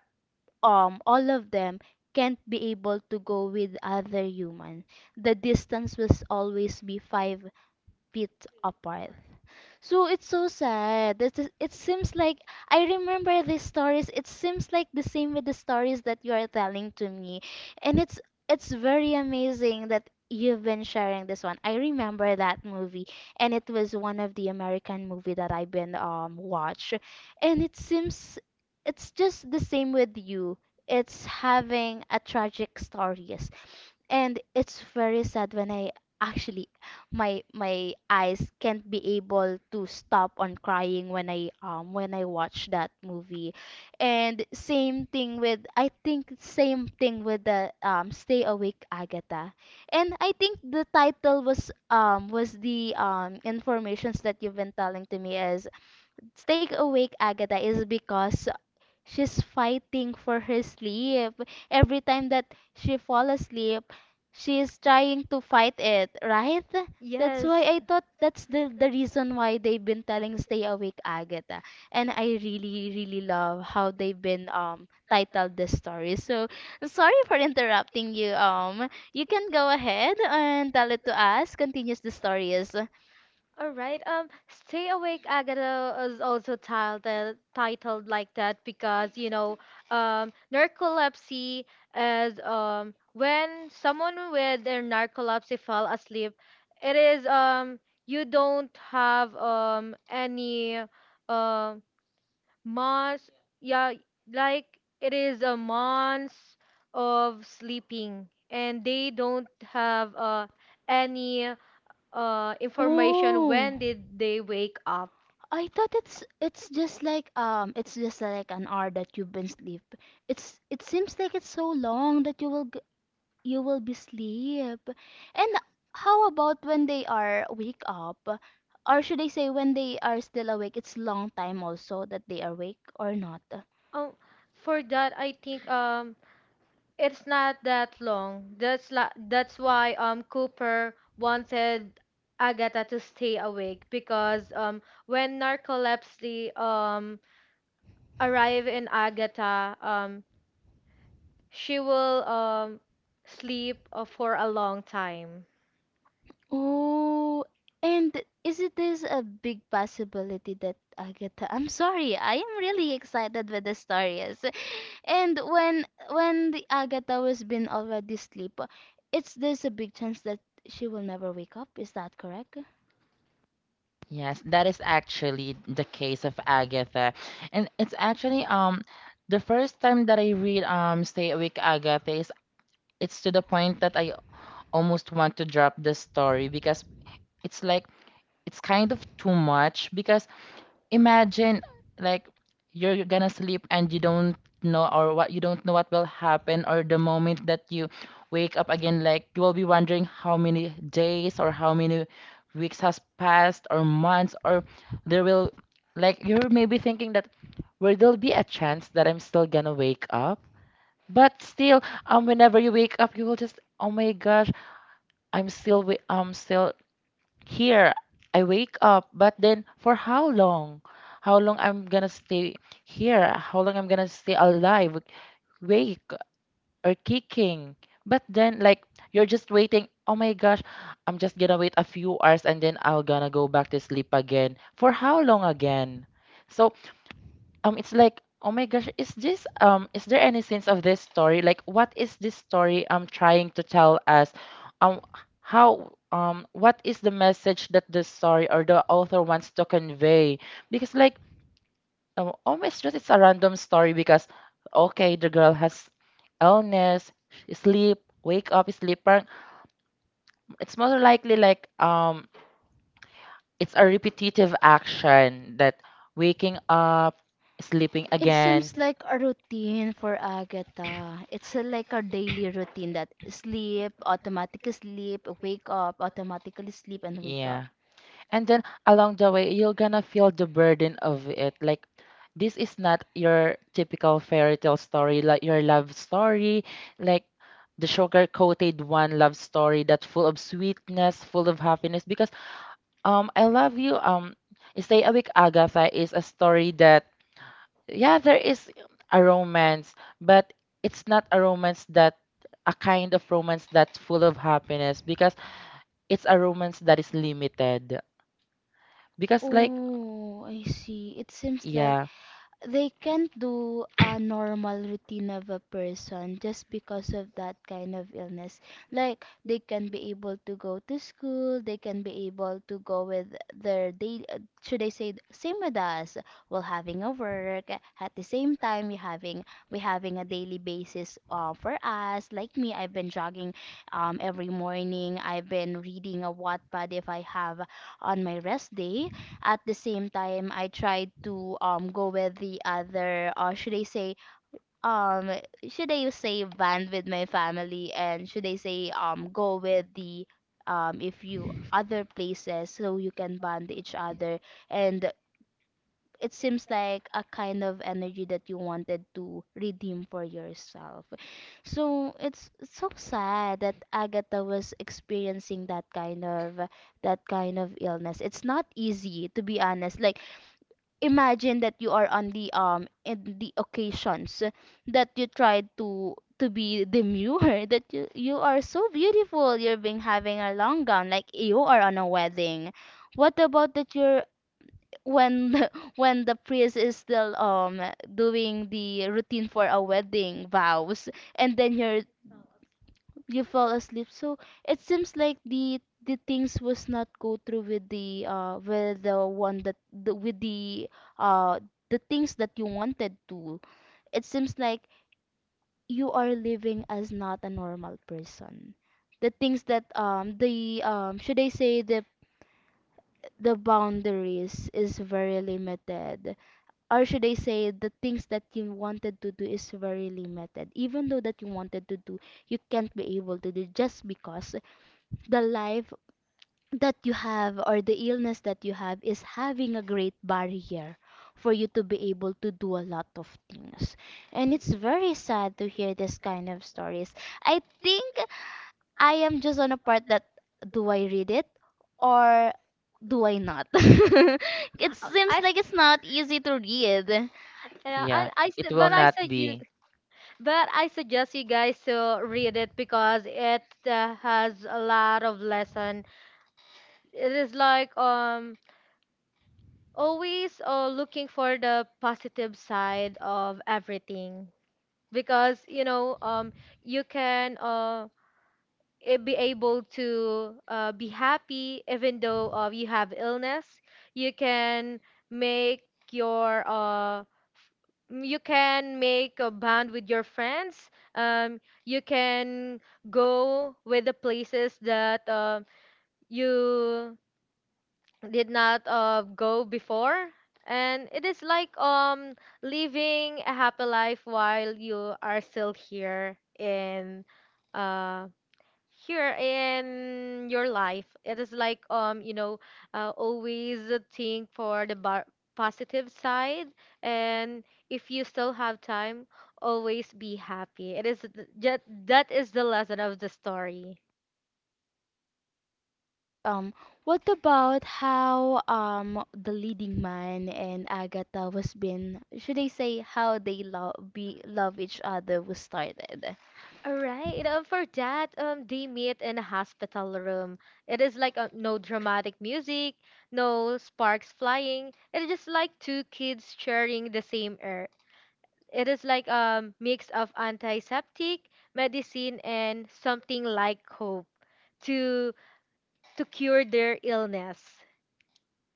um all of them can't be able to go with other human. The distance was always be five feet apart. So it's so sad. It, it seems like I remember these stories. It seems like the same with the stories that you are telling to me. And it's it's very amazing that you've been sharing this one. I remember that movie, and it was one of the American movie that I've been um watch. And it seems it's just the same with you. It's having a tragic stories, and it's very sad when I, actually, my my eyes can't be able to stop on crying when I, um when I watch that movie. And same thing with, I think, same thing with the um Stay Awake Agatha. And I think the title was, um was the, um informations that you've been telling to me is Stay Awake Agatha, is because she's fighting for her sleep. Every time that she fall asleep, she's trying to fight it, right? That's
Yes.
why I thought that's the, the reason why they've been telling Stay Awake Agatha. And I really, really love how they've been um titled this story. So sorry for interrupting you. Um you can go ahead and tell it to us. Continues the story is.
All right. Um, Stay Awake Agatha is also titled titled like that because you know, um, narcolepsy is um when someone with their narcolepsy fell asleep, it is um you don't have um any um months yeah like it is a months of sleeping and they don't have uh any uh information
Oh,
when did they wake up.
I thought it's it's just like, um it's just like an hour that you've been sleep. It's it seems like it's so long that you will g-, you will be sleep. And how about when they are wake up? Or should I say, when they are still awake? It's long time also that they are awake or not.
Oh for that I think um It's not that long. That's la- that's why um Cooper wanted Agatha to stay awake because um when narcolepsy um arrive in Agatha, um she will um sleep uh, for a long time.
Oh, and is it is a big possibility that Agatha? I'm sorry, I am really excited with the stories. And when when the Agatha was been already asleep, it's there's a big chance that she will never wake up. Is that correct?
Yes, that is actually the case of Agatha. And it's actually um the first time that I read um Stay Awake Agatha is, it's to the point that I almost want to drop the story, because it's like it's kind of too much. Because imagine, like, you're gonna sleep and you don't know or what, you don't know what will happen or the moment that you wake up again. Like, you will be wondering how many days or how many weeks has passed, or months, or there will, like you're maybe thinking that where there'll be a chance that I'm still gonna wake up. But still, um whenever you wake up you will just, oh my gosh, I'm still wa- I'm still here. I wake up, but then for how long? How long I'm gonna stay here? How long I'm gonna stay alive, wake or kicking? But then, like, you're just waiting, oh my gosh, I'm just gonna wait a few hours and then I'll gonna go back to sleep again for how long again. So um it's like, oh my gosh, is this um is there any sense of this story? Like, what is this story um trying to tell us? um how, um what is the message that the story or the author wants to convey? Because like, um, almost just it's a random story, because okay, the girl has illness, she sleep, wake up, sleep, parang it's more likely like um it's a repetitive action that waking up, sleeping
It
again.
seems like a routine for Agatha. It's a-, like a daily routine that sleep, automatically sleep, wake up, automatically sleep and wake
Yeah.
up.
And then along the way, you're gonna feel the burden of it. Like, this is not your typical fairy tale story, like your love story, like the sugar coated one love story that's full of sweetness, full of happiness, because um, I Love You. Um, Stay Awake Agatha is a story that, yeah, there is a romance, but it's not a romance that, a kind of romance that's full of happiness, because it's a romance that is limited. Because like
Oh, I see. It seems like
yeah,
they can't do a normal routine of a person just because of that kind of illness. Like, they can be able to go to school, they can be able to go with their day. uh, Should I say same with us? While having a work at the same time, we having we having a daily basis. Uh, for us, like me, I've been jogging, um, every morning. I've been reading a Wattpad if I have on my rest day. At the same time, I tried to um go with the other, or should I say, um should I say band with my family, and should I say, um go with the, um if you other places so you can bond each other. And it seems like a kind of energy that you wanted to redeem for yourself. So it's so sad that Agatha was experiencing that kind of, that kind of illness. It's not easy to be honest. Like, imagine that you are on the, um in the occasions that you tried to to be demure that you you are so beautiful, you're being having a long gown, like you are on a wedding. What about that you're, when the, when the priest is still um doing the routine for a wedding vows, and then you're, you fell asleep. So it seems like the the things was not go through with the, uh with the one that, the, with the, uh the things that you wanted to. It seems like you are living as not a normal person. The things that, um the, um should I say, the the boundaries is very limited. Or should I say, the things that you wanted to do is very limited, even though that you wanted to do, you can't be able to do, just because the life that you have, or the illness that you have, is having a great barrier for you to be able to do a lot of things. And it's
Y-
very sad to hear this kind of stories. I think I am just on a part that, do I read it, or do I not? it
Uh, I,
seems
s-
like it's not easy to read.
uh, I,
yeah,
I,
it
s- but
will
I
not
suggest
be.
But I suggest you guys to read it because it uh, has a lot of lesson. It is like um always uh, looking for the positive side of everything because you know um you can um eh, be able to uh, be happy even though uh, you have illness. You can make your uh, f- you can make a bond with your friends. um, you can go with the places that uh, you did not uh, go before. And it is like um living a happy life while you are still here in uh, here in your life. It is like um you know, uh, always think for the bar- positive side. And if you still have time always be happy. It is th- that that is the lesson of the story.
Um, what about how um the leading man and Agatha was been, should I say, how they love be love each other was started?
All right, um, for that um they meet in a hospital room. It is like uh, no dramatic music, no sparks flying. It is just like two kids sharing the same air. It is like a mix of antiseptic, medicine, and something like hope to to cure their illness.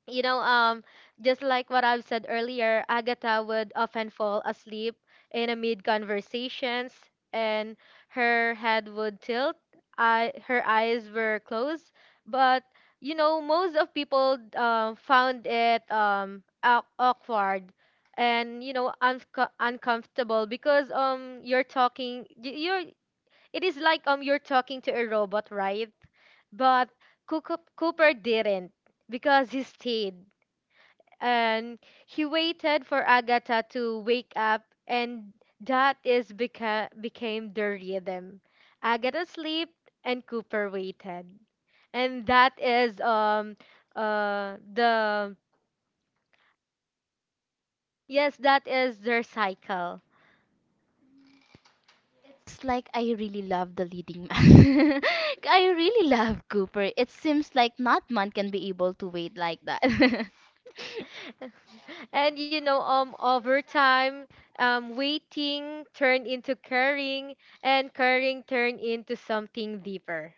You know, um, just like what I've said earlier, Agatha would often fall asleep in amid conversations, and her head would tilt. I, her eyes were closed, but you know, most of people um found it um au- awkward, and you know unco- uncomfortable because um you're talking y- you're, it is like um you're talking to a robot, right? But Coo- Cooper didn't, because he stayed and he waited for Agatha to wake up, and that is beca- became the rhythm. Agatha slept, and Cooper waited, and that is um uh the yes that is their cycle.
It's like, I really love the leading man. I really love Cooper. It seems like not man can be able to wait like that.
And you know, um over time um waiting turned into caring, and caring turned into something deeper,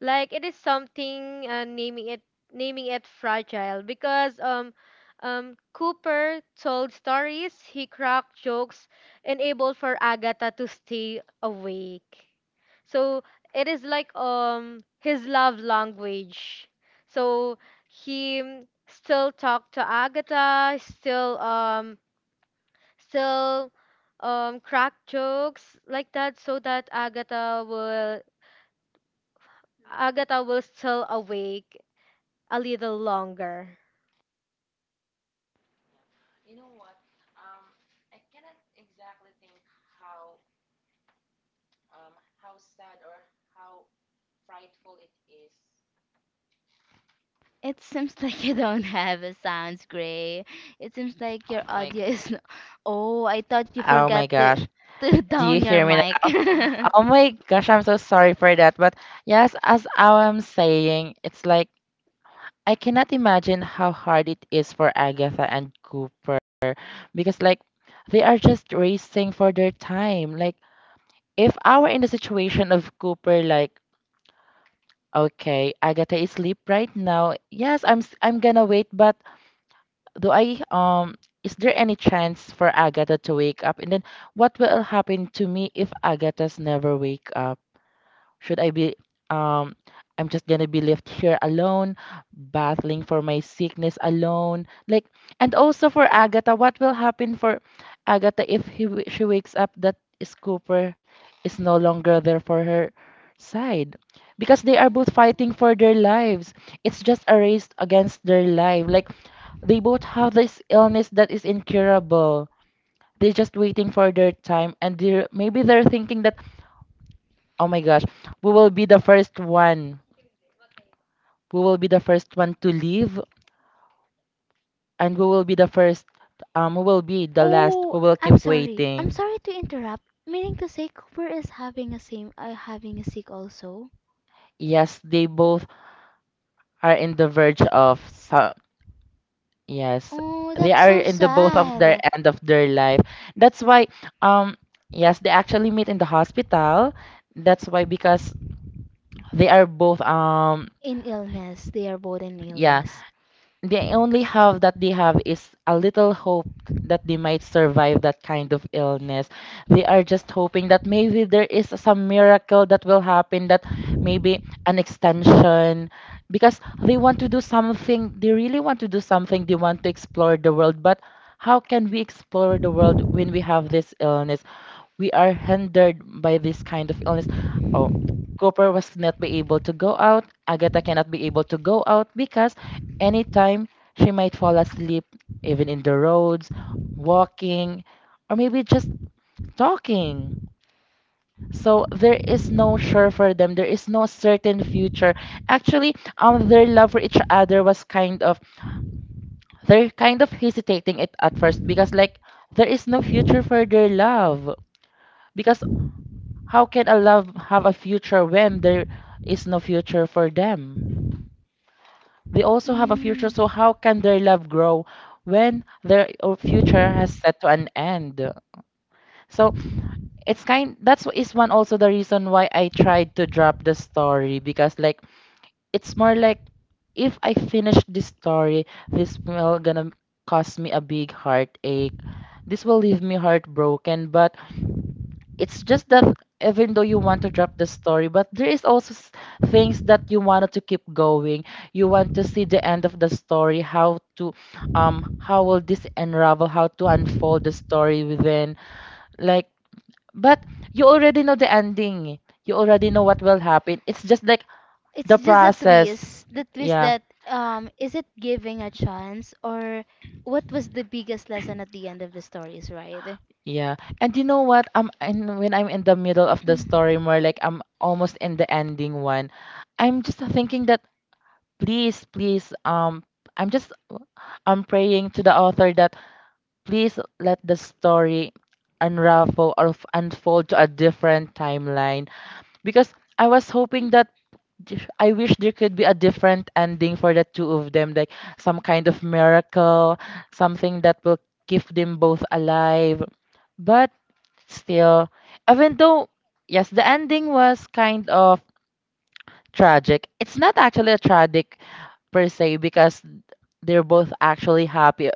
like it is something uh, naming it naming it fragile because um um Cooper told stories, he cracked jokes, enabled for Agatha to stay awake. So it is like um his love language. So he mm, still talked to Agatha, still um still um crack jokes like that so that Agatha will Agatha was still awake a little longer.
It seems like you don't have a sounds, gray. It seems like
Oh
your
my
audio
god.
is no-. Oh, I thought you
Oh my
forgot
gosh.
to to
Do you
down your
hear me
mic.
now? Oh my gosh, I'm so sorry for that. But yes, as I am saying, it's like I cannot imagine how hard it is for Agatha and Cooper, because like, they are just racing for their time. Like, if I were in the situation of Cooper, like, okay, Agatha is asleep right now. Yes, I'm s- I'm gonna wait, but do I um is there any chance for Agatha to wake up? And then what will happen to me if Agatha's never wake up? Should I be um I'm just gonna be left here alone, battling for my sickness alone. Like, and also for Agatha, what will happen for Agatha if he w- she wakes up that Cooper is no longer there for her side? Because they are both fighting for their lives. It's just a race against their life. Like, they both have this illness that is incurable. They're just waiting for their time, and they're maybe they're thinking that, oh my gosh, we will be the first one. We will be the first one to leave, and we will be the first. Um, we will be the last
Oh,
who will
I'm
keep
sorry. I'm
waiting.
sorry to interrupt. Meaning to say, Cooper is having a same, uh, having a sick also.
Yes, they both are in the verge of some. Yes,
Oh,
they
that's
are
so
in the both of their
sad.
end of their life. That's why, um, yes, they actually meet in the hospital. That's why, because they are both um
In illness, they are both in
yeah.
illness.
The only hope that they have is a little hope that they might survive that kind of illness. They are just hoping that maybe there is some miracle that will happen, that maybe an extension, because they want to do something, they really want to do something, they want to explore the world, but how can we explore the world when we have this illness? We are hindered by this kind of illness. Oh, Cooper was not be able to go out. Agatha cannot be able to go out because anytime she might fall asleep, even in the roads, walking, or maybe just talking. So there is no sure for them. There is no certain future. Actually, um, their love for each other was kind of, they're kind of hesitating it at first because like there is no future for their love, because how can a love have a future when there is no future for them? They also have a future,
Mm.
so how can their love grow when their o- future has set to an end? So it's kind that's is one also the reason why I tried to drop the story, because like it's more like if I finish this story, this will gonna cause me a big heartache. This will leave me heartbroken, but it's just that even though you want to drop the story, but there is also s- things that you wanted to keep going. You want to see the end of the story, how to um how will this unravel, how to unfold the story within, like, but you already know the ending, you already know what will happen. It's just like the
It's just a
process,
twist. The twist
yeah.
that, um is it giving a chance, or what was the biggest lesson at the end of the stories, right?
Yeah. And you know what? I'm and when I'm in the middle of the story, more like I'm almost in the ending one, I'm just thinking that please, please, um, I'm just, I'm praying to the author that please let the story unravel or f- unfold to a different timeline, because I was hoping that th- I wish there could be a different ending for the two of them, like some kind of miracle, something that will keep them both alive. But still, even though, yes, the ending was kind of tragic, it's not actually a tragic per se, because they're both actually happy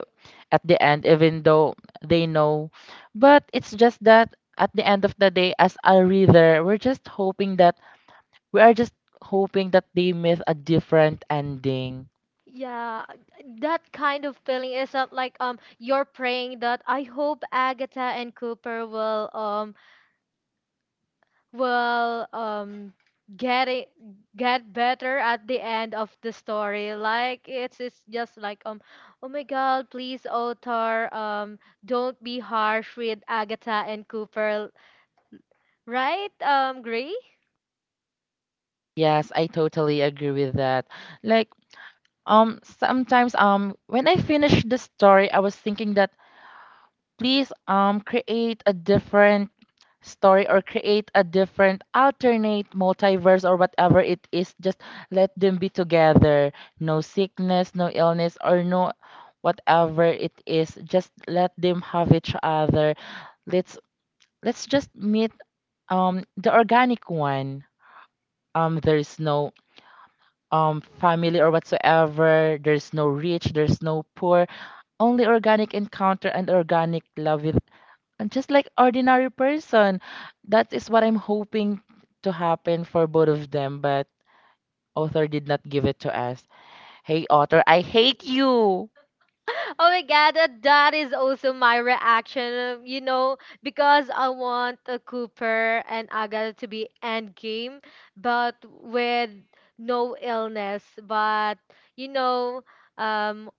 at the end, even though they know. But it's just that at the end of the day, as a reader, we're just hoping that we are just hoping that they miss a different ending.
Yeah, that kind of feeling is not like um you're praying that I hope Agatha and Cooper will um will um get it, get better at the end of the story. Like it's it's just like um oh my God, please author um don't be harsh with Agatha and Cooper, right? Um, Gray?
Yes, I totally agree with that. Like, um, sometimes, um, when I finished the story, I was thinking that please um create a different story or create a different alternate multiverse or whatever it is, just let them be together. No sickness, no illness, or no whatever it is, just let them have each other. let's let's just meet um the organic one. Um there's no um family or whatsoever, there's no rich, there's no poor, only organic encounter and organic love with and just like ordinary person. That is what I'm hoping to happen for both of them, but author did not give it to us. Hey author, I hate you.
Oh my god, uh, that is also my reaction, uh, you know, because I want uh, Cooper and Agatha to be endgame, but with no illness. But, you know, um,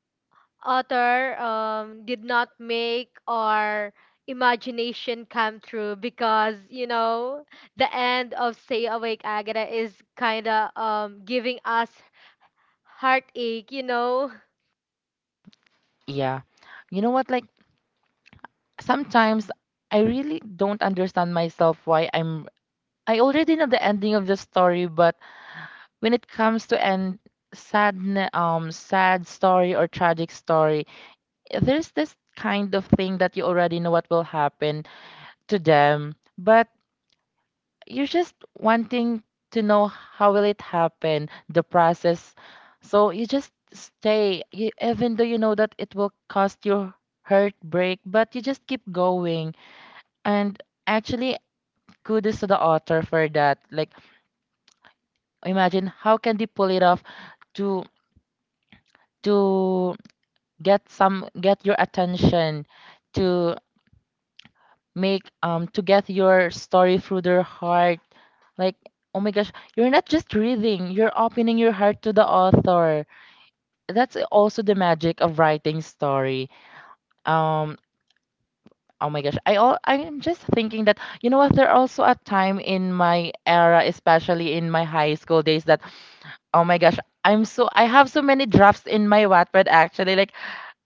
author um, did not make our imagination come true because, you know, the end of Stay Awake Agatha is kind of um, giving us heartache, you know.
Yeah. You know what, like sometimes I really don't understand myself why I'm I already know the ending of the story, but when it comes to end sad n- um sad story or tragic story, there's this kind of thing that you already know what will happen to them, but you're just wanting to know how will it happen, the process. So you just stay you, even though you know that it will cost you heartbreak, but you just keep going. And actually kudos to the author for that. Like, imagine how can they pull it off to to get some, get your attention to make um to get your story through their heart. Like, oh my gosh, you're not just reading, you're opening your heart to the author. That's also the magic of writing story. Um, oh my gosh, I all I'm just thinking that you know what, there also a time in my era, especially in my high school days, that oh my gosh, I'm so I have so many drafts in my Wattpad actually. Like,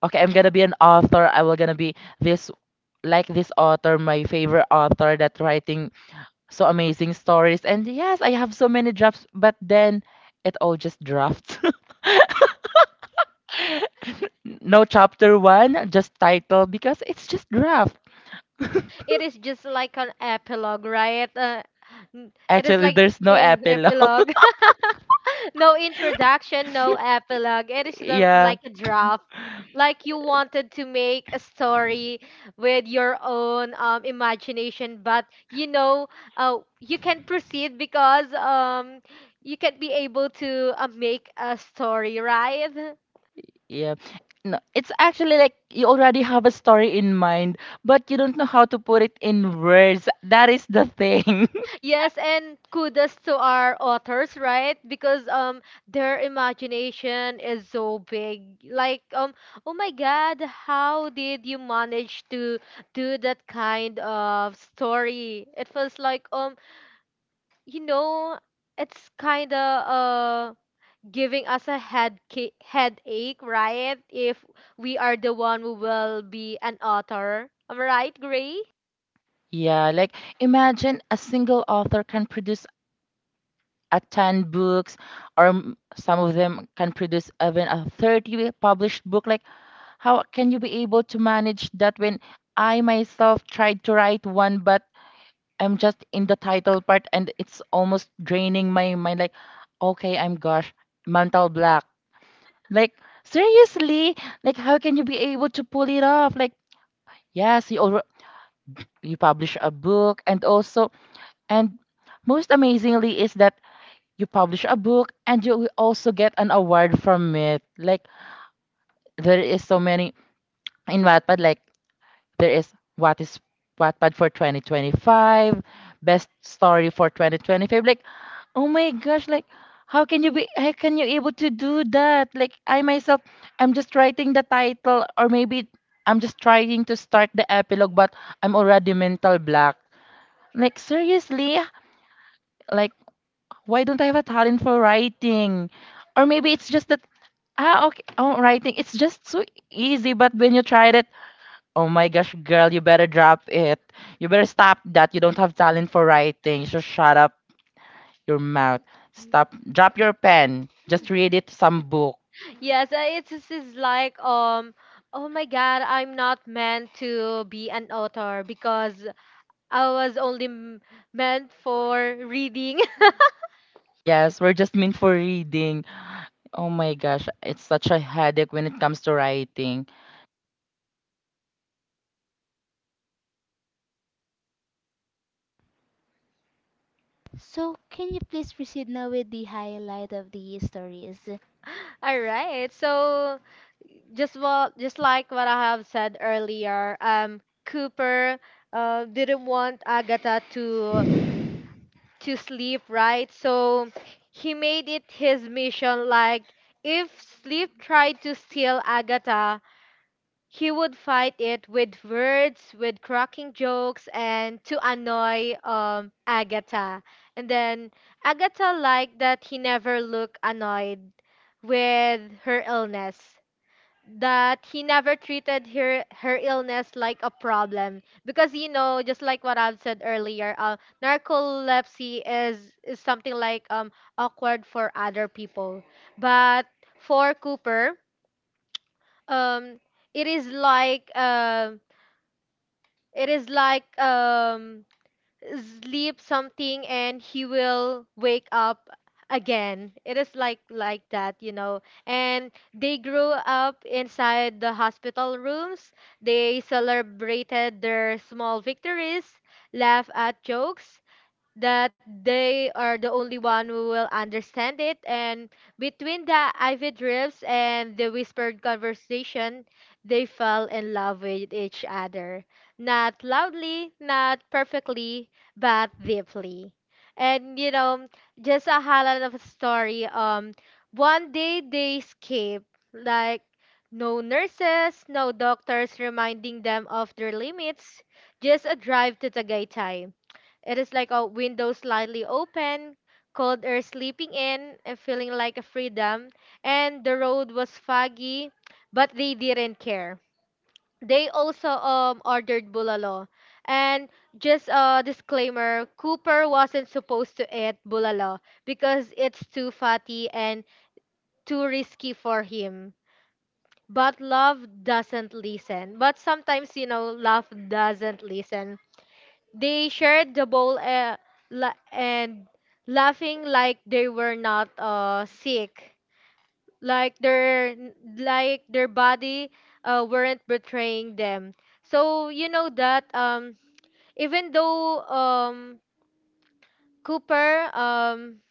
okay, I'm gonna be an author. I will gonna be this like this author, my favorite author that writing so amazing stories. And yes, I have so many drafts, but then it all just drafts. No chapter one, just title because it's just draft.
It is just like an epilogue, right? Uh, n- it is
Actually,
like
there's no
eh,
epilogue.
epilogue. No introduction, no epilogue. It is the,
Yeah.
like a draft. Like you wanted to make a story with your own um, imagination, but you know, uh, you can't proceed because um, you can't be able to uh, make a story, right?
Yeah. No, it's actually like you already have a story in mind, but you don't know how to put it in words. That is the thing.
Yes, and kudos to our authors, right? Because um their imagination is so big. Like um oh my god, how did you manage to do that kind of story? It feels like um you know, it's kind of uh giving us a head ca- headache, right? If we are the one who will be an author. Am I right, Gray?
Yeah, like imagine a single author can produce attend books, or m- some of them can produce even a thirty published book. Like, how can you be able to manage that when I myself tried to write one, but I'm just in the title part and it's almost draining my mind? Like, okay, I'm gosh, mental block. Like, seriously, like, how can you be able to pull it off? Like, yes, you already you publish a book and also and most amazingly is that you publish a book and you will also get an award from it. Like, there is so many in Wattpad. Like, there is what is Wattpad for twenty twenty-five, best story for twenty twenty-five. Like, oh my gosh, like how can you be, how can you able to do that? Like I myself, I'm just writing the title, or maybe I'm just trying to start the epilogue, but I'm already mental block. Like, seriously, like, why don't I have a talent for writing? Or maybe it's just that ah okay, oh writing it's just so easy. But when you tried it, oh my gosh, girl, you better drop it. You better stop that. You don't have talent for writing. So shut up your mouth. Stop. Drop your pen. Just read it some book.
Yes, uh, it's, this is like um oh my god, I'm not meant to be an author because I was only m- meant for reading.
Yes, we're just meant for reading. Oh my gosh, it's such a headache when it comes to writing.
So, can you please proceed now with the highlight of the stories?
All right. So just what just like what I have said earlier, um Cooper uh, didn't want Agatha to to sleep, right? So he made it his mission, like if sleep tried to steal Agatha, he would fight it with words, with cracking jokes, and to annoy um, Agatha. And then Agatha liked that he never looked annoyed with her illness, that he never treated her, her illness like a problem. Because, you know, just like what I've said earlier, uh, narcolepsy is, is something like um, awkward for other people. But for Cooper, um, it is like um it is like um sleep something and he will wake up again. It is like like that, you know. And they grew up inside the hospital rooms. They celebrated their small victories, laugh at jokes that they are the only one who will understand it, and between the ivy drips and the whispered conversation, they fell in love with each other, not loudly, not perfectly, but deeply. And you know, just a highlight of a story, um one day they escaped. Like, no nurses, no doctors reminding them of their limits, just a drive to Tagaytay. It is like a window slightly open, cold air sleeping in, and feeling like a freedom. And the road was foggy, but they didn't care. They also um ordered bulalo. And just a disclaimer, Cooper wasn't supposed to eat bulalo because it's too fatty and too risky for him. But love doesn't listen. But sometimes, you know, love doesn't listen. They shared the bowl uh, la- and laughing like they were not uh, sick, like their like their body uh, weren't betraying them. So you know that um, even though um, Cooper um,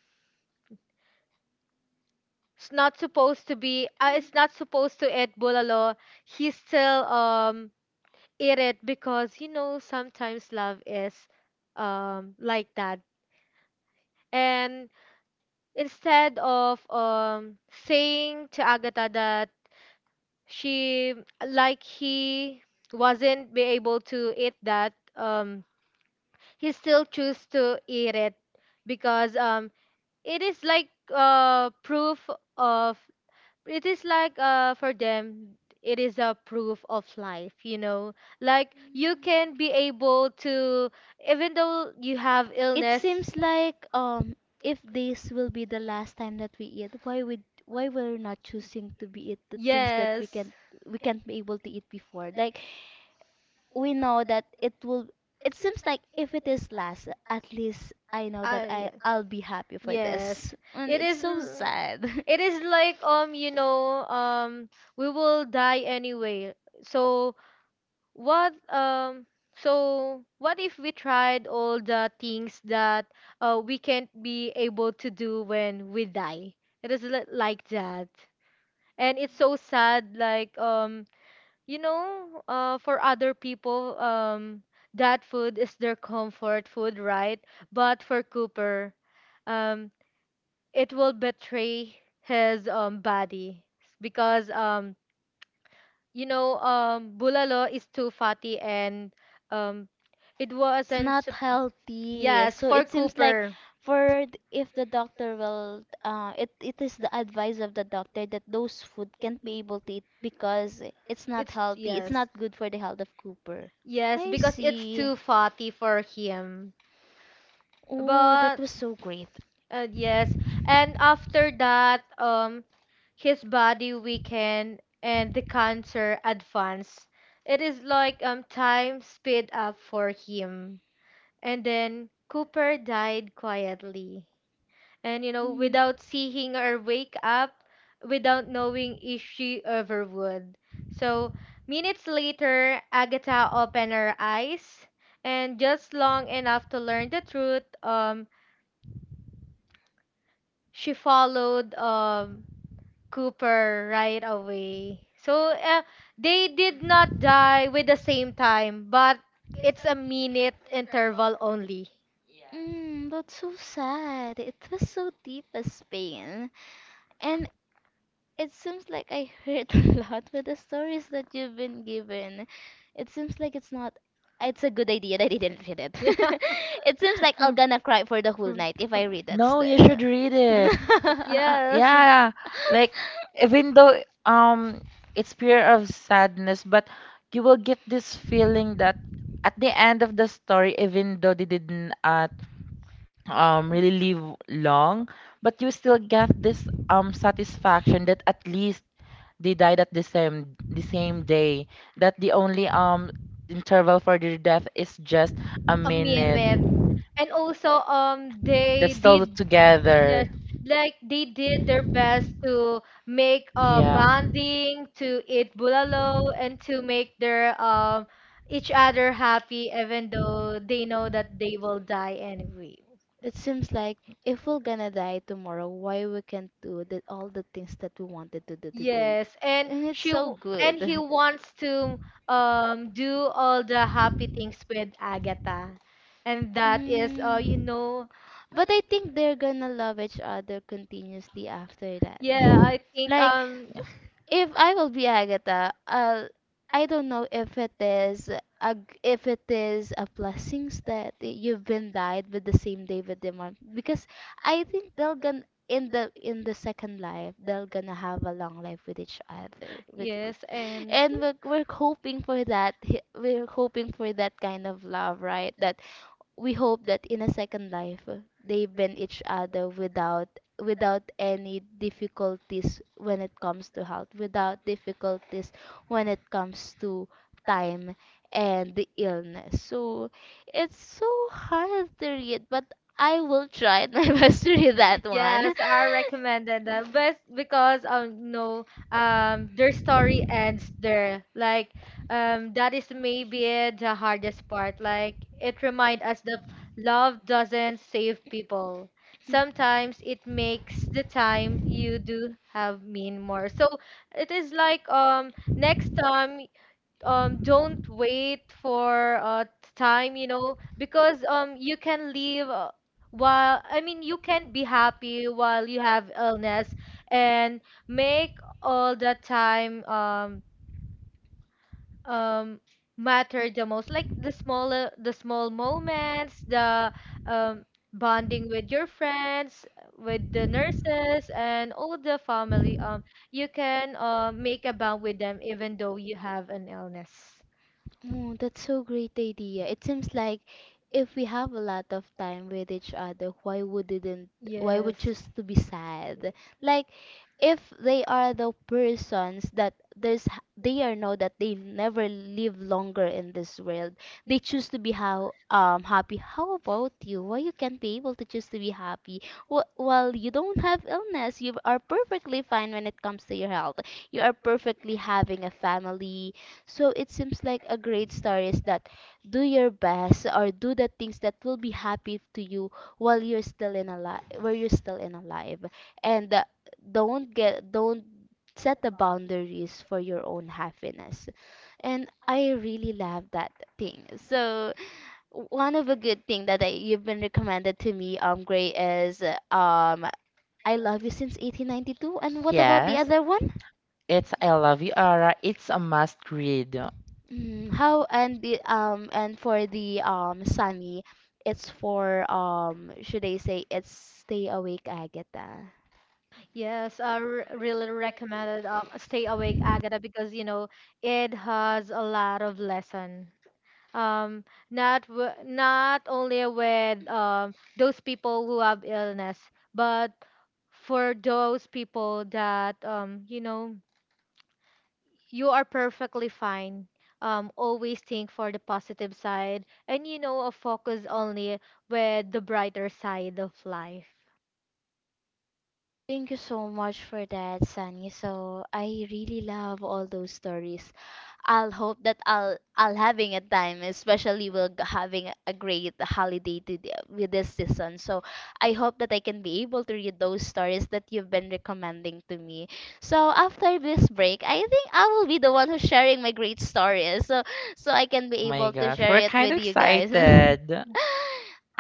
is not supposed to be uh, is not supposed to eat bulalo, he still um, eat it because you know sometimes love is um, like that. And instead of um, saying to Agatha that she like he wasn't be able to eat that, um, he still choose to eat it because, um, it is like uh, proof of, it is like uh, for them it is a proof of life, you know like you can be able to, even though you have
It
illness.
seems like, um if this will be the last time that we eat, why we, why we're not choosing to be eat the things that we
Yes.
can, we can't be able to eat before. Like, we know that it will, it seems like, if it is last, at least I know that
Ah,
I,
yes.
I'll be
with
happy for this.
Yes.
And
It
it's
is that's
so
l-
sad.
it is like um you know um we will die anyway. So what um so what if we tried all the things that uh we can't be able to do when we die? It is li- like that. And it's so sad. Like, um you know, uh, for other people, um, that food is their comfort food, right? But for Cooper, um, it will betray his um, body because, um, you know, um, bulalo is too fatty, and um, it
it's
wasn't.
not
Sup-
healthy.
Yes,
So
for
it seems like,
Cooper,
for th-, if the doctor will, uh, it it is the advice of the doctor that those food can't be able to eat, because it's not
it's
healthy. It's
yes,
not good for the health of Cooper.
yes,
I
because it's
see.
too fatty for him.
Oh, that
But
was so great.
Uh, yes. And after that, um, his body weakened and the cancer advanced. It is like um time sped up for him. And then Cooper died quietly. And you know, without
Mm.
seeing her wake up, without knowing if she ever would. So minutes later, Agatha opened her eyes, and just long enough to learn the truth, um, she followed um Cooper right away. So uh, they did not die with the same time, but it's a minute interval only.
Mm, that's so sad. It was so deep as pain. And it seems like I hurt a lot with the stories that you've been given. It seems like it's not. It's a good idea that I didn't read it. it seems like I'm gonna cry for the whole night if I read that.
No,
St-
you should read it.
Yeah. Yes.
Yeah, like even though um it's pure of sadness, but you will get this feeling that at the end of the story, even though they didn't uh, um really live long, but you still get this um satisfaction that at least they died at the same the same day. That the only um interval for their death is just a
A
minute.
minute. And also um
That's
they
still
did Yes,
together.
like they did their best to make uh
Yeah.
bonding, to eat bulalo, and to make their um each other happy, even though they know that they will die anyway.
it seems like, if we're gonna die tomorrow, why we can't do the, all the things that we wanted to do today?
Yes, and
And it's
she
so
w-
good.
and he wants to um do all the happy things with Agatha. And that is, uh you
Mm.
know,
But I think they're gonna love each other continuously after that.
yeah, I think
like,
um
if I will be Agatha, I'll, I i do not know if it is a g-, if it is a blessings that you've been died with the same David Dimon, because I think they'll gonna, in the, in the second life, they'll gonna have a long life with each other with g-.
yes, and
And we're, we're hoping for that hi-, we're hoping for that kind of love, right? That we hope that in a second life, uh, they've been each other without, without any difficulties when it comes to health, without difficulties when it comes to time and the illness. So it's so hard to read, but I will try my best to read that one.
yes. I recommended that, but because um no, um their story ends there. Like, um that is maybe the hardest part. Like, it reminds us that love doesn't save people. Sometimes it makes the time you do have mean more. So it is like, um next time um don't wait for uh time, you know because um you can live, uh, while I mean, you can be happy while you have illness, and make all the time um um matter the most, like the smaller the small moments, the um bonding with your friends, with the nurses, and all the family. um you can uh, make a bond with them even though you have an illness.
Oh, that's so great idea. It seems like if we have a lot of time with each other, why wouldn't why would
Yes.
choose to be sad? Like if they are the persons that there's they are know that they never live longer in this world, they choose to be how um happy. How about you? Why you can't be able to choose to be happy? Wh- well you don't have illness, you are perfectly fine when it comes to your health, you are perfectly having a family. So it seems like a great story is that do your best or do the things that will be happy to you while you're still in alive, while you're still in alive. And uh, don't get don't set the boundaries for your own happiness. And I really love that thing. So one of a good thing that I, you've been recommended to me, um gray, is uh, um I love you since eighteen ninety-two. And what about the
Yes,
other one?
it's I Love You, Ara. It's a must read. Oh
mm, how and the um and for the um sunny, it's for um should I say it's stay awake agatha.
Yes, I r- really recommended um, Stay Awake Agata, because you know it has a lot of lesson. Um, not w not only with um those people who have illness, but for those people that, um you know you are perfectly fine. Um, always think for the positive side, and, you know, uh, focus only with the brighter side of life.
Thank you so much for that, Sunny. So I really love all those stories. I'll hope that I'll I'll having a time, especially we're g- having a a great holiday to the, with this season. So I hope that I can be able to read those stories that you've been recommending to me. So after this break, I think I will be the one who's sharing my great stories. So so I can be
my
able to
gosh, we're
share it
kind
with
of
you guys.
excited.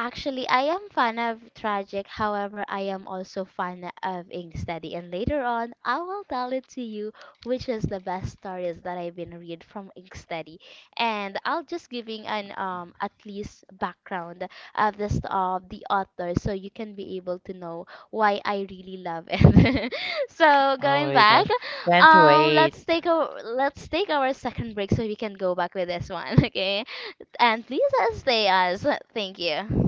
Actually, I am fan of tragic. However, I am also fan of Inksteady, and later on, I will tell it to you which is the best stories that I've been read from Inksteady. And I'll just giving an um at least background of this of the author, so you can be able to know why I really love it. So
Oh
going
my
back,
gosh, can't
um,
wait.
let's take a let's take our second break so we can go back with this one, okay? And please uh, stay us. Thank you.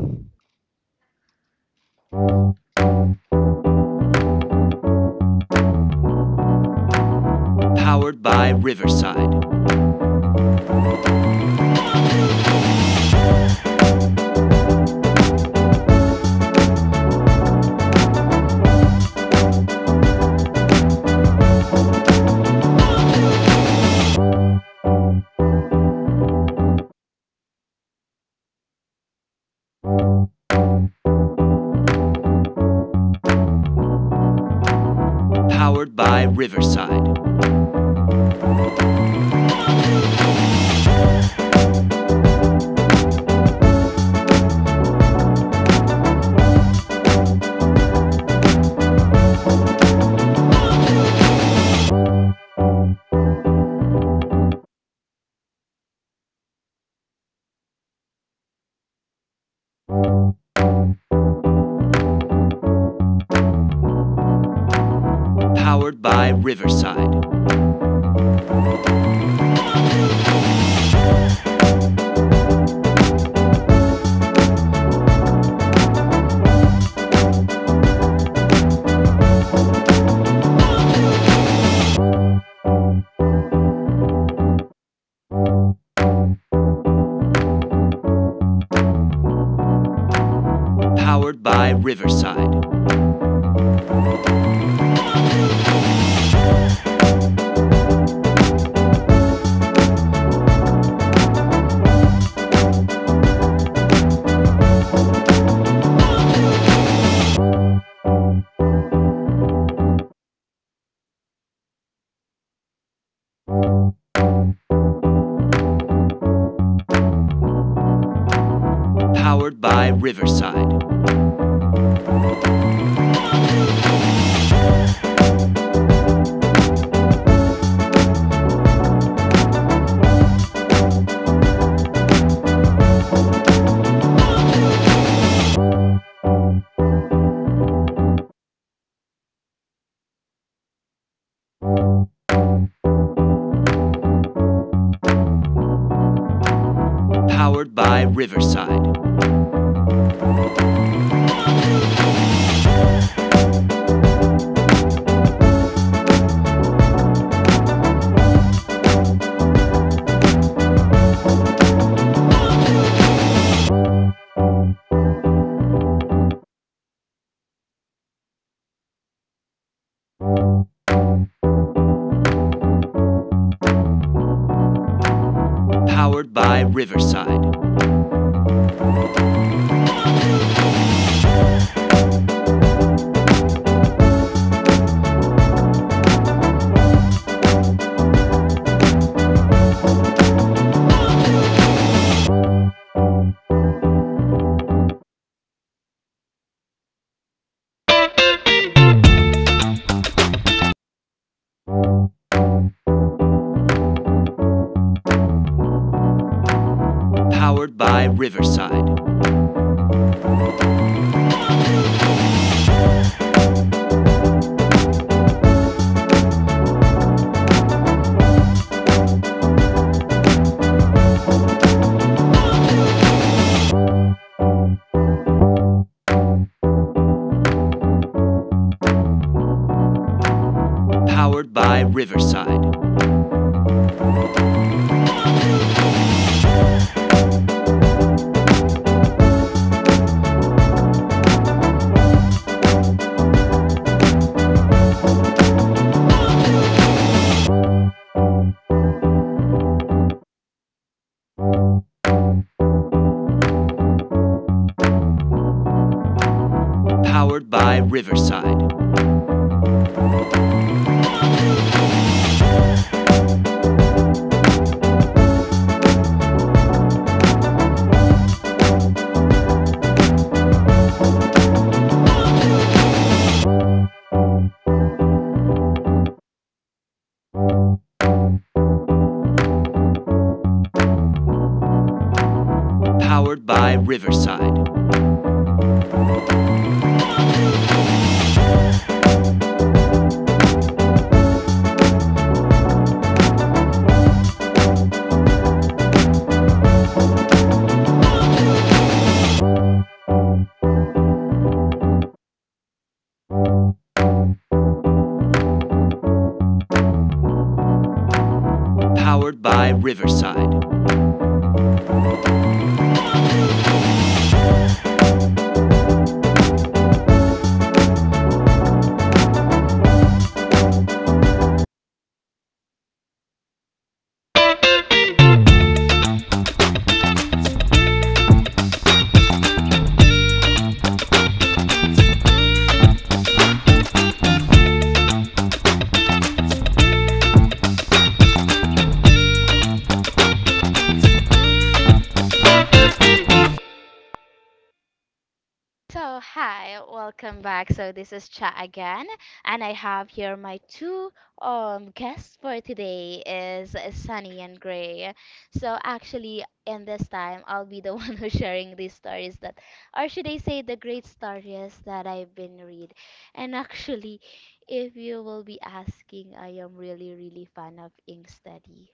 So, hi, welcome back. So, this is Cha again, and I have here my two um guests for today is Sunny and Gray. So, actually, in this time, I'll be the one who's sharing these stories that, or should I say, the great stories that I've been read. And actually, if you will be asking, I am really, really fan of Ink Study.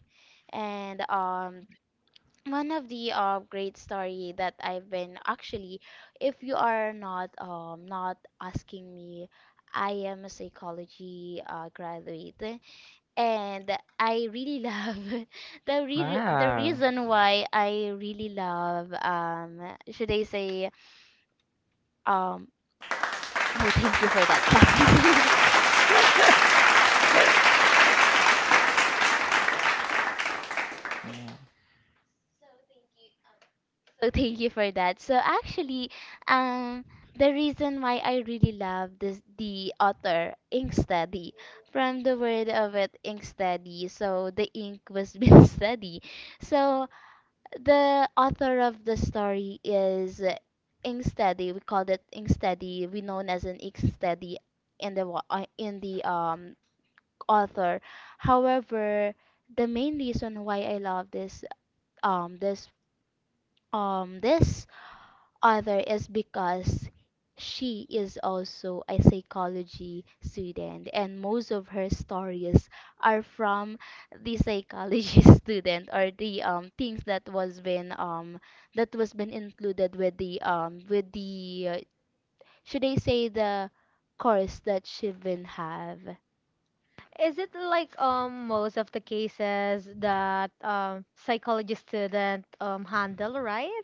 And um, one of the uh, great story that I've been actually, if you are not um not asking me, I am a psychology uh, graduate, and I really love the re the
Wow.
reason why I really love um should I say um oh thank you for that clapping.
Yeah.
Oh, thank you for that. So actually, um, the reason why I really love this the author Inksteady from the word of it Inksteady. So the ink was being steady. So the author of the story is Inksteady. We called it Inksteady. We known as an Inksteady in the wa- uh, in the um author. However, the main reason why I love this um this um this other is because she is also a psychology student and most of her stories are from the psychology student or the um things that was been um that was been included with the um with the uh, should I say the course that she been have.
Is it like um most of the cases that um psychology student um handle, right?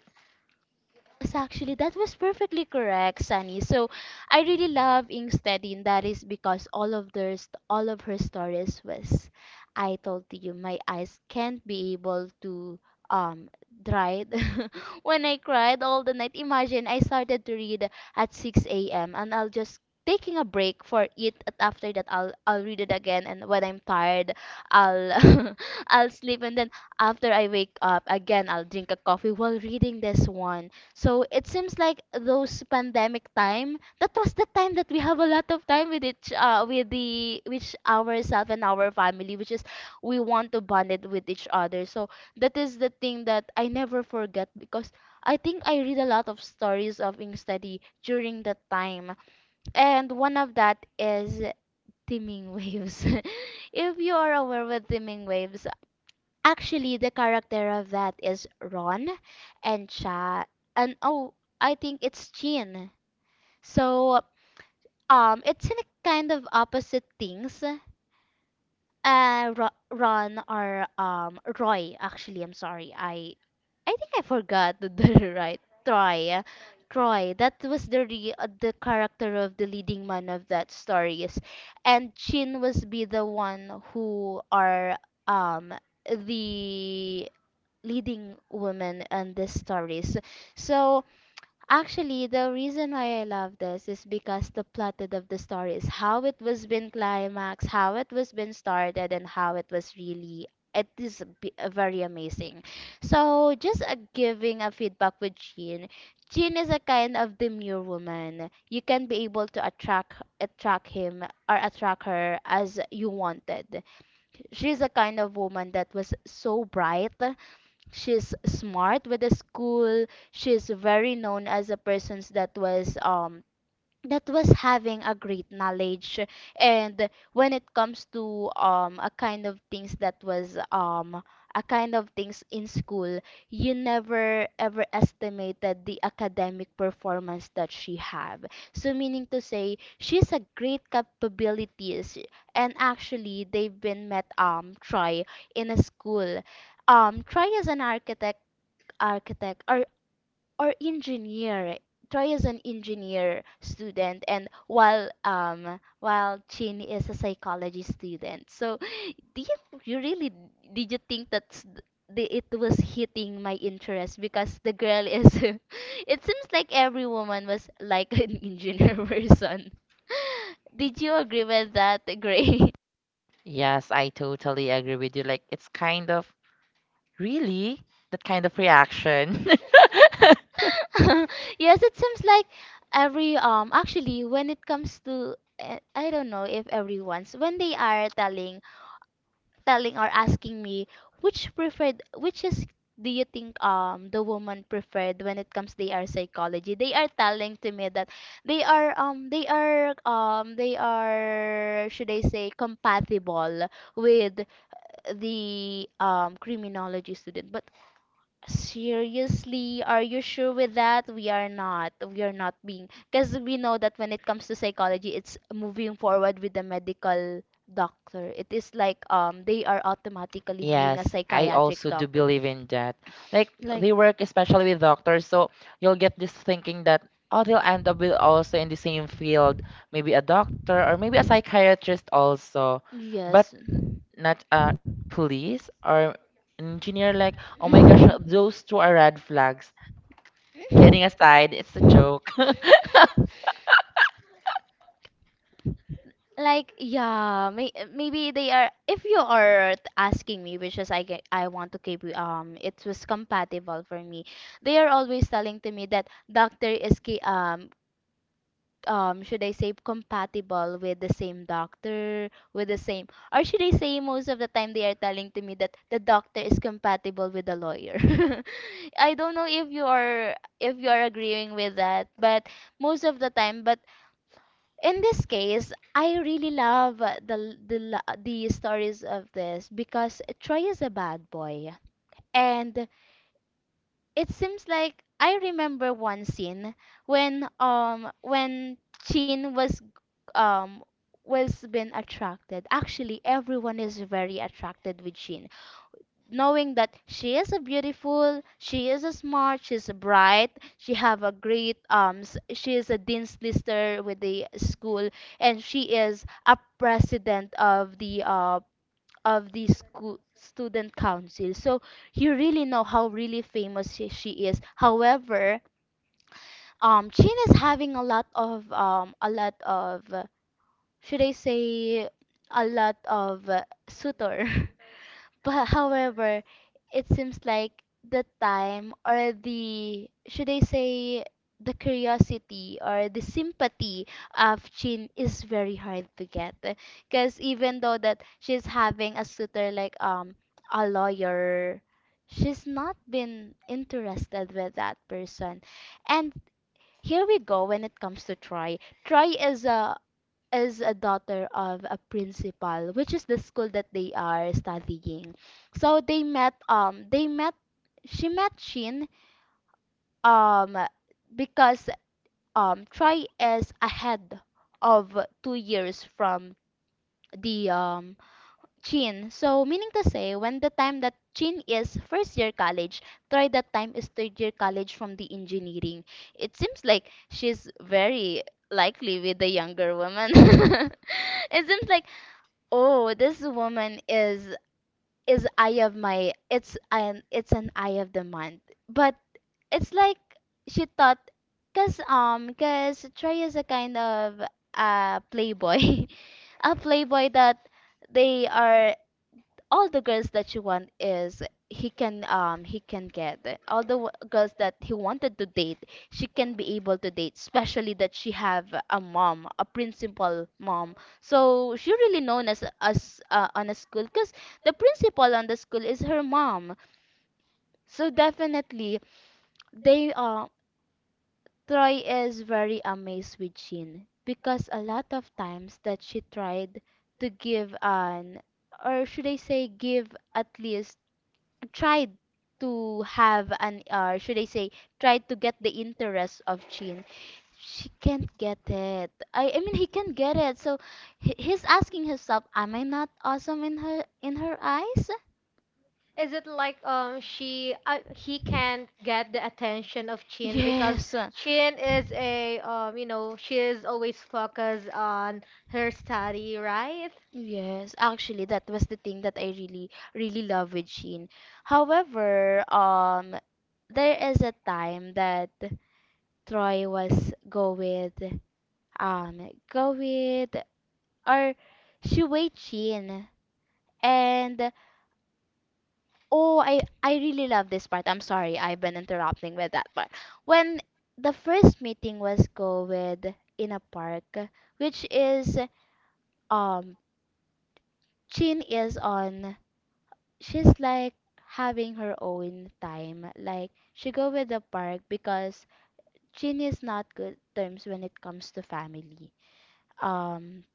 Yes, actually, that was perfectly correct, Sunny. So I really love Ingstedin. That is because all of their st- all of her stories was, I told you, my eyes can't be able to um dried when I cried all the night. Imagine I started to read at six a m and I'll just taking a break for it, and after that I'll I'll read it again, and when I'm tired I'll I'll sleep, and then after I wake up again I'll drink a coffee while reading this one. So it seems like those pandemic time, that was the time that we have a lot of time with each uh with the with ourselves and our family, which is we want to bond it with each other. So that is the thing that I never forget because I think I read a lot of stories of ink study during that time. And one of that is teeming waves. If you are aware with teeming waves, actually, the character of that is Ron and Cha and oh, I think it's Jean. So, um, it's in a kind of opposite things. Uh, Ro- Ron or um Roy. Actually, I'm sorry. I I think I forgot the the right Troy. Troy. That was the re- uh, the character of the leading man of that stories, and Chin was be the one who are um the leading women and these stories. So actually, the reason why I love this is because the plotted of the story is how it was been climaxed, how it was been started, and how it was really. It is b- very amazing. So just uh, giving a feedback with Jean. Jean is a kind of demure woman. You can be able to attract attract him or attract her as you wanted. She's a kind of woman that was so bright, she's smart with the school, she's very known as a person that was um that was having a great knowledge. And when it comes to um a kind of things that was um a kind of things in school, you never ever estimated the academic performance that she have. So meaning to say she's a great capabilities. And actually they've been met um try in a school, um try as an architect, architect or or engineer. Troy is an engineer student, and while um while Chin is a psychology student. So, do you, you really did you think that the, it was hitting my interest because the girl is it seems like every woman was like an engineer person. Did you agree with that, Gray?
Yes, I totally agree with you. Like, it's kind of really that kind of reaction.
Yes, it seems like every um actually when it comes to eh, I don't know if everyone's when they are telling telling or asking me which preferred which is do you think um the woman preferred when it comes they are psychology, they are telling to me that they are um they are um they are should I say compatible with the um criminology student. But seriously, are you sure with that? We are not. We are not being, because we know that when it comes to psychology, it's moving forward with the medical doctor. It is like um they are automatically being a
Yes, I
psychiatric
also do
doctor.
believe in that. Like,
Like,
they work especially with doctors, so you'll get this thinking that oh they'll end up with also in the same field, maybe a doctor or maybe a psychiatrist also, but
yes.
not a police or an engineer. Like, oh my gosh, those two are red flags. Kidding aside, it's a joke.
Like yeah, may, maybe they are. If you are t- asking me, which is I get, I want to keep um, it was compatible for me. They are always telling to me that doctor is ki- um um should I say compatible with the same doctor with the same, or should I say most of the time they are telling to me that the doctor is compatible with the lawyer. I don't know if you are if you are agreeing with that, but most of the time, but in this case, I really love uh, the l- the la- the stories of this because Troy is a bad boy, and it seems like I remember one scene when um when Chin was um was been attracted. Actually, everyone is very attracted with Chin, knowing that she is a beautiful, she is a smart, she's a bright, she have a great um s- she is a dean's lister with the school, and she is a president of the uh of the school student council. So you really know how really famous she, she is. However, um Chin is having a lot of um a lot of uh, should I say a lot of uh, suitor. But however, it seems like the time or the should I say the curiosity or the sympathy of Chin is very hard to get, because even though that she's having a suitor like um a lawyer, she's not been interested with that person. And here we go when it comes to Troy. Troy is a is a daughter of a principal, which is the school that they are studying. So they met um they met she met Shin um because um Troy is ahead of two years from the um Chin. So meaning to say when the time that Chin is first year college, Troy that time is third year college from the engineering. It seems like she's very likely with the younger woman. It seems like oh, this woman is is eye of my it's an it's an eye of the month. But it's like she thought cause um cause Trey is a kind of uh playboy. a playboy that they are all the girls that you want is he can um he can get it. All the w- girls that he wanted to date she can be able to date, especially that she have a mom, a principal mom, so she really known as as uh, on a school because the principal on the school is her mom. So definitely they uh Troy is very amazed with Jean because a lot of times that she tried to give an, or should I say give, at least tried to have an, or should I say tried to get the interest of Chin. She can't get it. I, I mean he can't get it. So he, he's asking himself, am I not awesome in her in her eyes?
Is it like um she uh, he can't get the attention of Chin because
Yes, uh,
Chin is a um you know she is always focused on her study, right?
yes. Actually, that was the thing that I really, really love with Sheen. However, um, there is a time that Troy was go with um go with or Shu Wei Chin. And oh, I I really love this part. I'm sorry, I've been interrupting with that part. When the first meeting was go with in a park, which is um Chin is on, she's like having her own time. Like she go with the park because Chin is not good terms when it comes to family. Um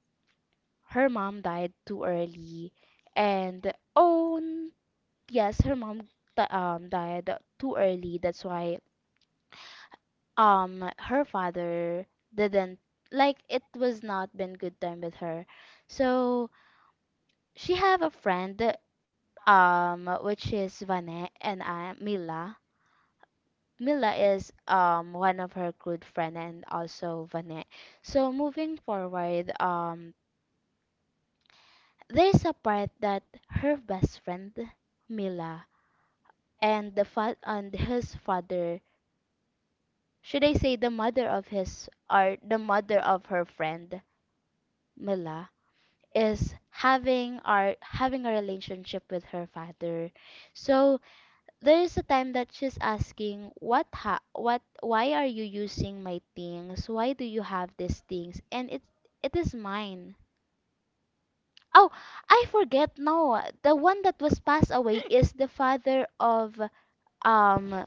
Her mom died too early. And oh n- yes, her mom di- um died too early. That's why um her father didn't, like it was not been good time with her. So she have a friend, um which is Vane and uh, Mila. Mila is um one of her good friend, and also Vane. So moving forward, um there's a part that her best friend Mila and the fa- and his father, should I say the mother of his, or the mother of her friend Mila, is having our having a relationship with her father. So there is a time that she's asking what ha- what, why are you using my things, why do you have these things, and it it is mine. Oh, I forget. No, the one that was passed away is the father of um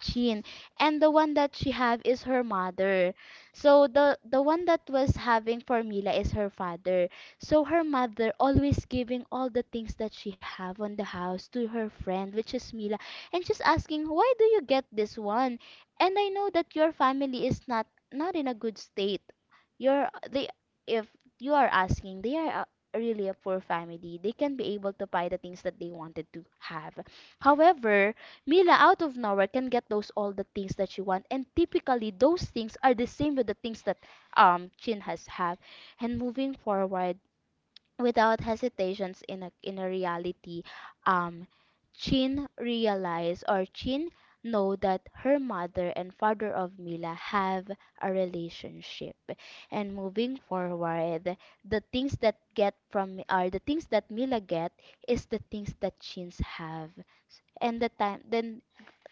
Chin, and the one that she have is her mother. So the the one that was having formula is her father. So her mother always giving all the things that she have on the house to her friend, which is Mila. And she's asking, why do you get this one? And I know that your family is not not in a good state. You're, they, if you are asking, they are a- really a poor family, they can be able to buy the things that they wanted to have. However, Mila out of nowhere can get those all the things that she wants, and typically those things are the same with the things that um Chin has have. And moving forward, without hesitations, in a in a reality, um Chin realize, or Chin know that her mother and father of Mila have a relationship. And moving forward, the things that get from are the things that Mila get is the things that Chins have, and the time, then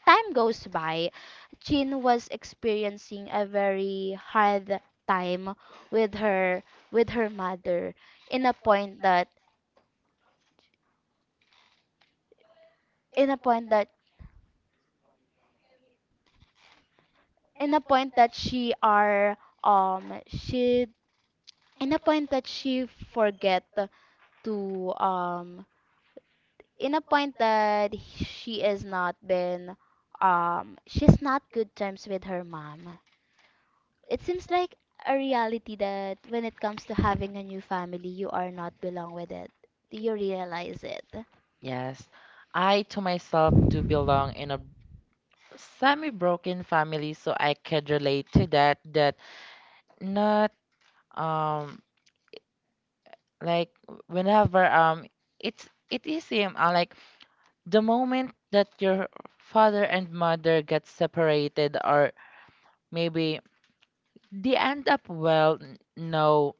time goes by, Chin was experiencing a very hard time with her with her mother, in a point that in a point that in a point that she are, um she, in a point that she forget to, um in a point that she is not been, um she's not good terms with her mom. It seems like a reality that when it comes to having a new family, you are not belong with it. Do you realize it?
Yes, I to myself do belong in a semi-broken family, so I could relate to that. That not um like w- whenever um it's it is same uh, like the moment that your father and mother get separated, or maybe they end up well n- no,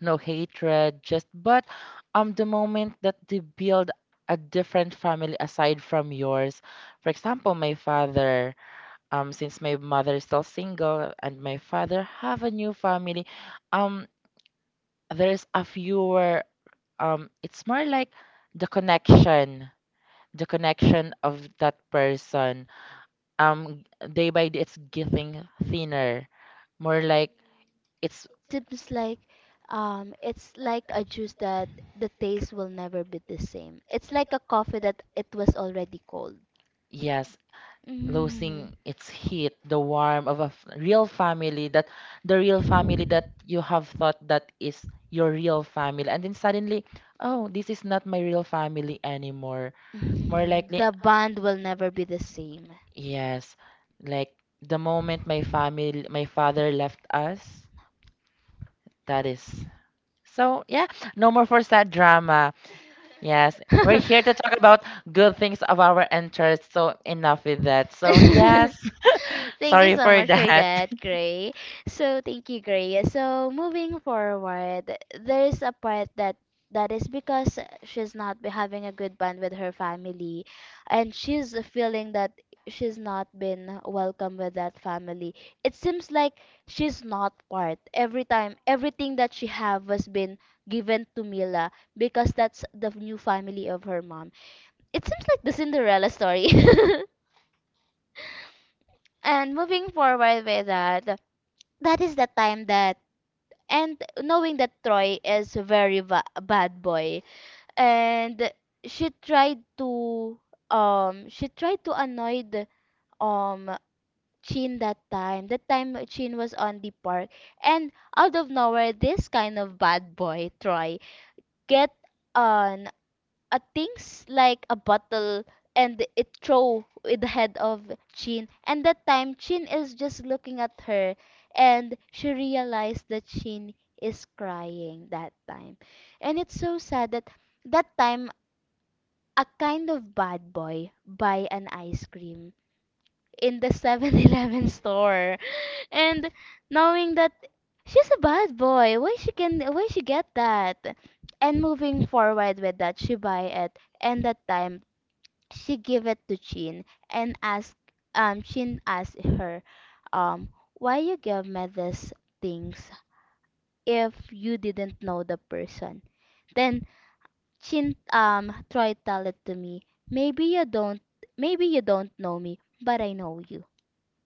no hatred just but um the moment that they build a different family aside from yours, for example my father, um since my mother is still single and my father have a new family, um there's a fewer, um it's more like the connection, the connection of that person, um day by day it's getting thinner, more like it's
Seems like, um, it's like a juice that the taste will never be the same. It's like a coffee that it was already cold.
yes,
Mm.
losing its heat, the warmth of a f- real family. That the real family that you have thought that is your real family and then suddenly, oh this is not my real family anymore, more
Mm,
likely.
the bond will never be the same.
Yes, like the moment my family, my father left us, that is. So yeah, no more for sad drama. Yes, we're here to talk about good things of our interest. So enough with that. So yes,
Thank you
sorry
so
for
much for
that.
that, Gray. So thank you, Gray. So moving forward, there is a part that that is because she's not be having a good bond with her family, and she's feeling that she's not been welcome with that family. It seems like she's not part. Every time, everything that she have was been given to Mila because that's the new family of her mom. It seems like the Cinderella story. And moving forward with that, that is the time that, and knowing that Troy is a very va- bad boy, and she tried to, um she tried to annoy the, um Chin that time. That time Chin was on the park, and out of nowhere this kind of bad boy Troy get an uh, things like a bottle, and it throw with the head of Chin. And that time, Chin is just looking at her, and she realized that Chin is crying that time. And it's so sad that, that time, a kind of bad boy buy an ice cream in the Seven Eleven store. And knowing that she's a bad boy, why she can why she get that? And moving forward with that, she buy it, and that time she gave it to Chin and asked um Chin asked her, um why you give me these things? If you didn't know the person, then Chin um tried tell it to me, maybe you don't maybe you don't know me, but I know you,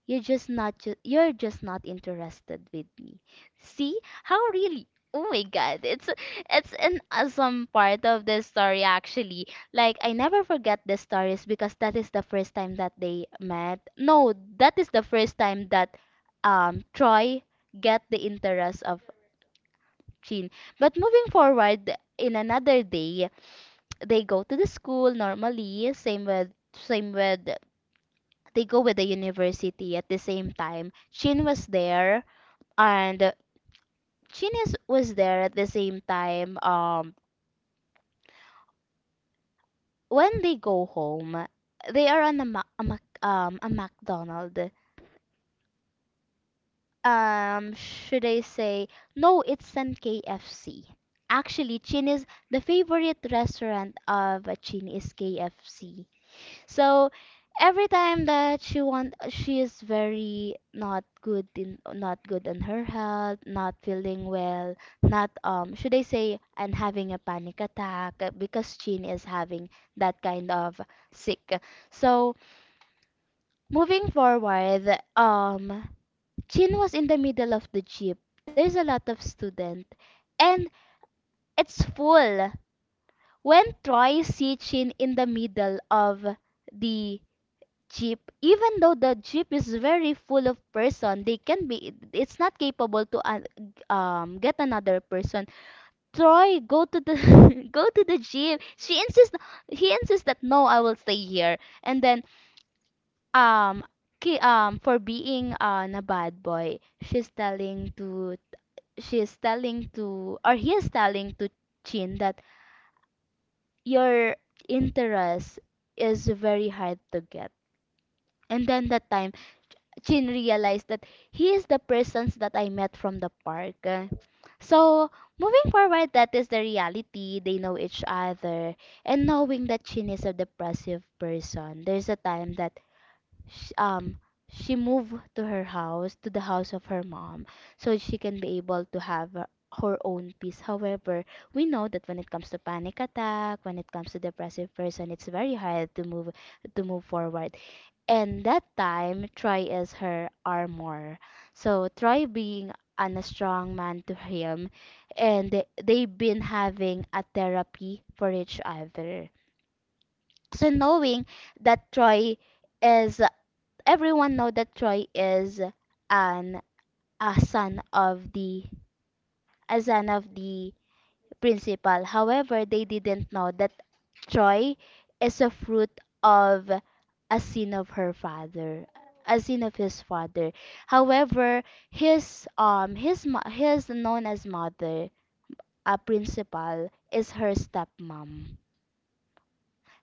you're just not, ju- you're just not interested with me. See how really. Oh my god, it's, it's an awesome part of this story actually. Like I never forget the stories because that is the first time that they met. No, that is the first time that um Troy get the interest of Chin. But moving forward, in another day, they go to the school normally. Same with same with they go with the university at the same time. Chin was there, and Chin is, was there at the same time. Um, when they go home, they are on a, Mac, a, Mac, um, a McDonald's. Um, should I say, no, it's an K F C. Actually, Chin is the favorite restaurant of uh, Chin is K F C. So every time that she want, she is very not good in, not good on her health, not feeling well, not, um should I say, and having a panic attack uh, because Chin is having that kind of sick. So moving forward, um Chin was in the middle of the jeep. There's a lot of student, and it's full. When Troy see Chin in the middle of the jeep, even though the jeep is very full of person, they can be it's not capable to uh, um get another person. Troy go to the go to the jeep. She insists he insists that, no, I will stay here. And then, um ki- um for being uh, a bad boy, she's telling to she's telling to or he is telling to Chin that your interest is very hard to get. And then that time Chin realized that he is the persons that I met from the park. So moving forward, that is the reality. They know each other, and knowing that Chin is a depressive person, there's a time that sh um she moved to her house, to the house of her mom, so she can be able to have her her own peace. However, we know that when it comes to panic attack, when it comes to depressive person, it's very hard to move to move forward. And that time, Troy is her armor. So Troy being an, a strong man to him, and they, they've been having a therapy for each other. So knowing that Troy is, everyone know that Troy is an a son of the, a son of the principal. However, they didn't know that Troy is a fruit of a sin of her father. As in of his father. However, his um his mo- his known as mother, a principal, is her stepmom.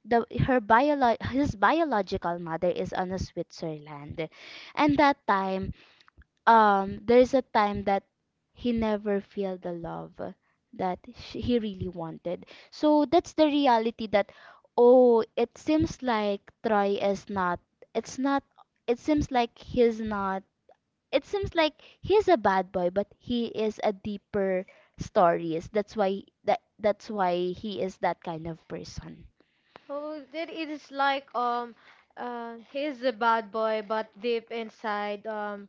The her biolo- his biological mother is on a Switzerland, and that time, um there's a time that he never feel the love that sh he really wanted. So that's the reality that, oh it seems like Troy is not it's not it seems like he's not it seems like he's a bad boy, but he is a deeper stories. That's why that that's why he is that kind of person.
Oh, that. It is like, um uh, he is a bad boy, but deep inside, um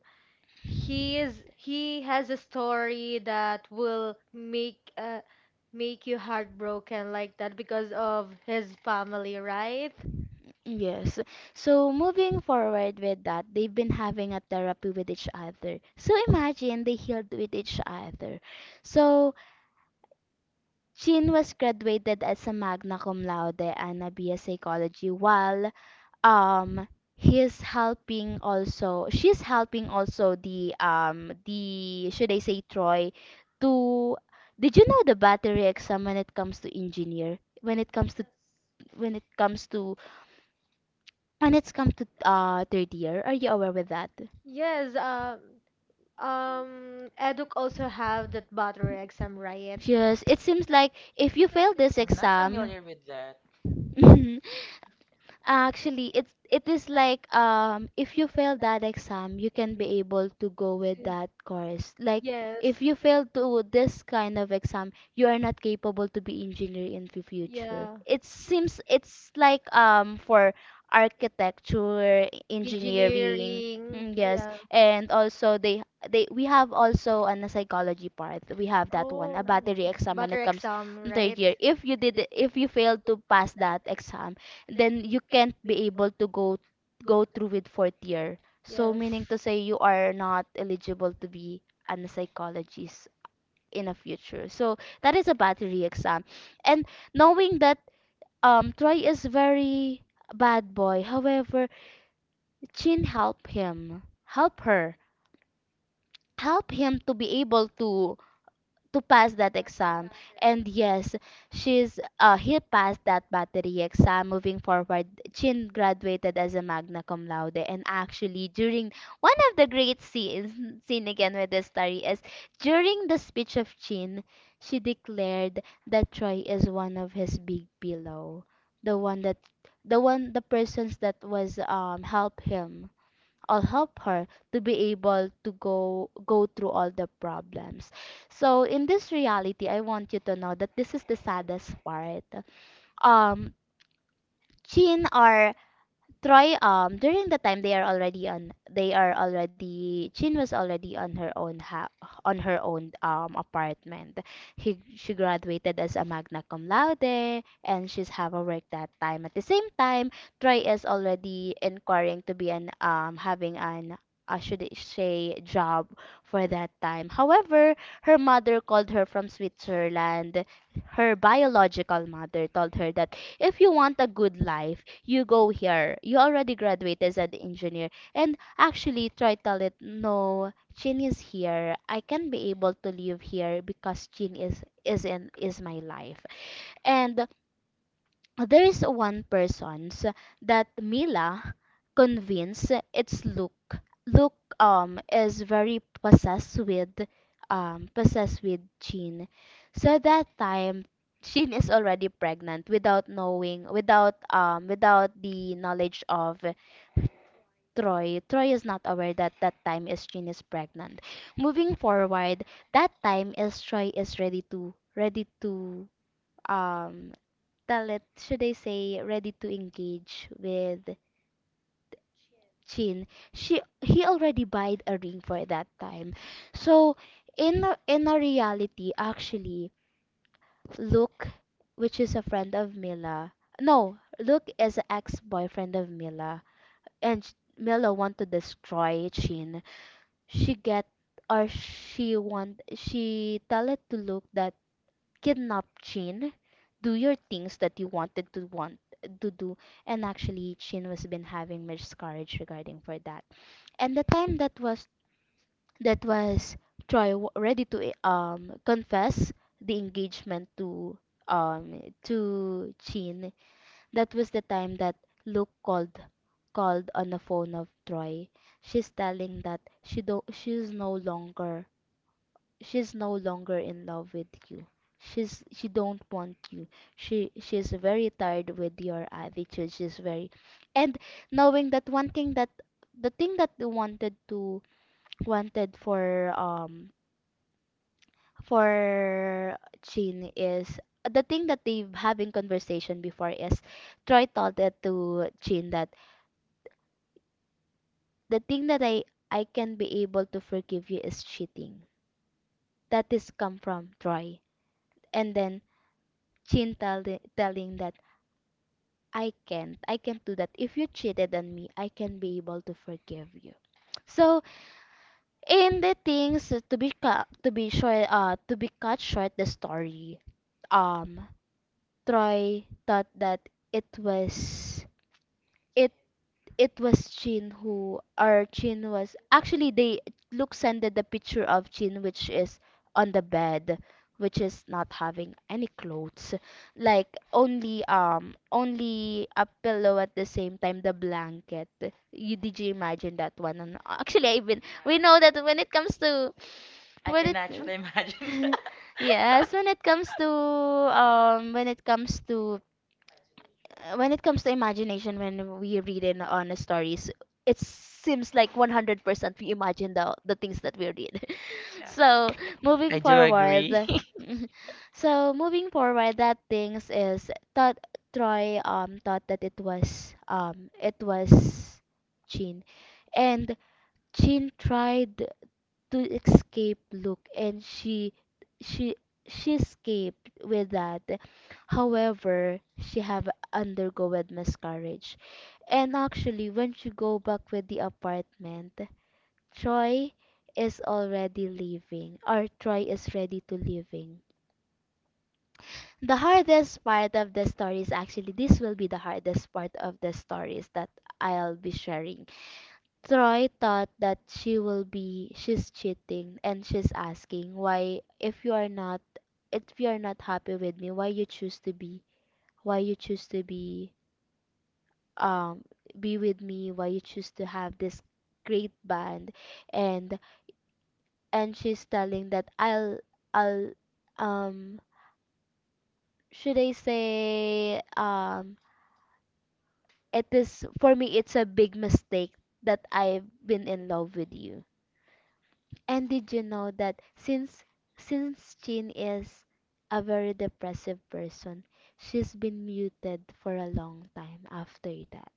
he is he has a story that will make uh, make you heartbroken like that because of his family, right?
Yes. So moving forward with that, they've been having a therapy with each other. So imagine they healed with each other. So Jean was graduated as a magna cum laude and a B S psychology, while um he's helping also she's helping also the, um the should I say, Troy, to, did you know the battery exam when it comes to engineer, when it comes to when it comes to when it's come to uh third year, are you aware with that?
Yes. um um eduk also have that battery exam, right?
Yes, it seems like, if you fail this
I'm not
exam,
familiar with that.
Actually, it's it is like, um if you fail that exam, you can be able to go with
So-
that course. Like if
yes.
you fail to this kind of exam, you are not capable to be engineer in the future.
Yeah.
It seems it's like um for architecture, engineering,
Engineering,
mm, yes,
yeah.
and also they they we have also on the psychology part we have that one a
Oh,
battery exam when it
battery
comes
exam,
third
right?
year if you did if you fail to pass that exam, then you can't be able to go go through with fourth year, so
Yes.
meaning to say you are not eligible to be an psychologist in the future. So that is a battery exam. And knowing that um Troy is very bad boy, however Chin help him help her help him to be able to to pass that exam. And yes, she's uh, he passed that battery exam. Moving forward, Chin graduated as a magna cum laude. And actually, during one of the great scenes, scene again with this story is during the speech of Chin, she declared that Troy is one of his big pillow, the one that, the one, the persons that was um help him I'll help her to be able to go go through all the problems. So in this reality, I want you to know that this is the saddest part. Um, Chin are Troy, um, during the time they are already on, they are already, Chin was already on her own ha on her own um apartment. He, she graduated as a magna cum laude, and she's have a work that time. At the same time, Troy is already inquiring to be an um having an uh, should I say job for that time. However, her mother called her from Switzerland. Her biological mother told her that if you want a good life, you go here. You already graduated as an engineer. And actually try tell it, no, Chin is here. I can be able to live here because Chin is is in is my life. And there is one persons that Mila convinced its look look um is very possessed with um possessed with Jean. So that time Jean is already pregnant without knowing without um without the knowledge of Troy. Troy is not aware that that time is Jean is pregnant. Moving forward, that time is Troy is ready to ready to um Talit, should I say, ready to engage with Chin, she he already buyed a ring for that time. So in a- in a reality, actually, Luke, which is a friend of Mila, no, Luke is an ex-boyfriend of Mila, and sh- Mila want to destroy Chin. She get or she want she tell it to Luke that kidnap Chin, do your things that you wanted to want to do. And actually, Chin was been having miscarriage regarding for that. And the time that was that was Troy w- ready to eh, um confess the engagement to um to Chin. That was the time that Luke called called on the phone of Troy. She's telling that she do she's no longer she's no longer in love with you. She's she don't want you. She she's very tired with your attitude. She's very, and knowing that one thing, that the thing that they wanted to wanted for um for Jean is the thing that they having conversation before is Troy told it to Jean that the thing that I I can be able to forgive you is cheating. That is come from Troy. And then Chin tell, telling that I can't. I can't do that. If you cheated on me, I can be able to forgive you. So, in the things uh, to be cut, to be short, uh, to be cut short, the story. Um, Troy thought that it was it it was Chin who or Chin was actually they Luke sent the picture of Chin, which is on the bed, which is not having any clothes, like only um only a pillow at the same time the blanket. You did you imagine that one? And actually I even we know that when it comes to
I
when
can
it
actually imagine.
yes, when it comes to um when it comes to uh, when it comes to imagination, when we read in on stories, it seems like one hundred percent we imagine the the things that we read.
Yeah,
So
I
moving
do
forward,
agree.
so moving forward, that things is thought Troy um thought that it was um it was Chin, and Chin tried to escape Luke, and she she she escaped with that. However, she have undergone miscarriage. And actually when she go back with the apartment, Troy is already leaving or Troy is ready to leaving. The hardest part of the story is actually this will be the hardest part of the stories that I'll be sharing. Troy thought that she will be she's cheating, and she's asking why if you are not if you are not happy with me why you choose to be why you choose to be um be with me, why you choose to have this great band, and and she's telling that I'll I'll um should I say, um it is for me it's a big mistake that I've been in love with you. And did you know that since since Jean is a very depressive person, she's been muted for a long time after that.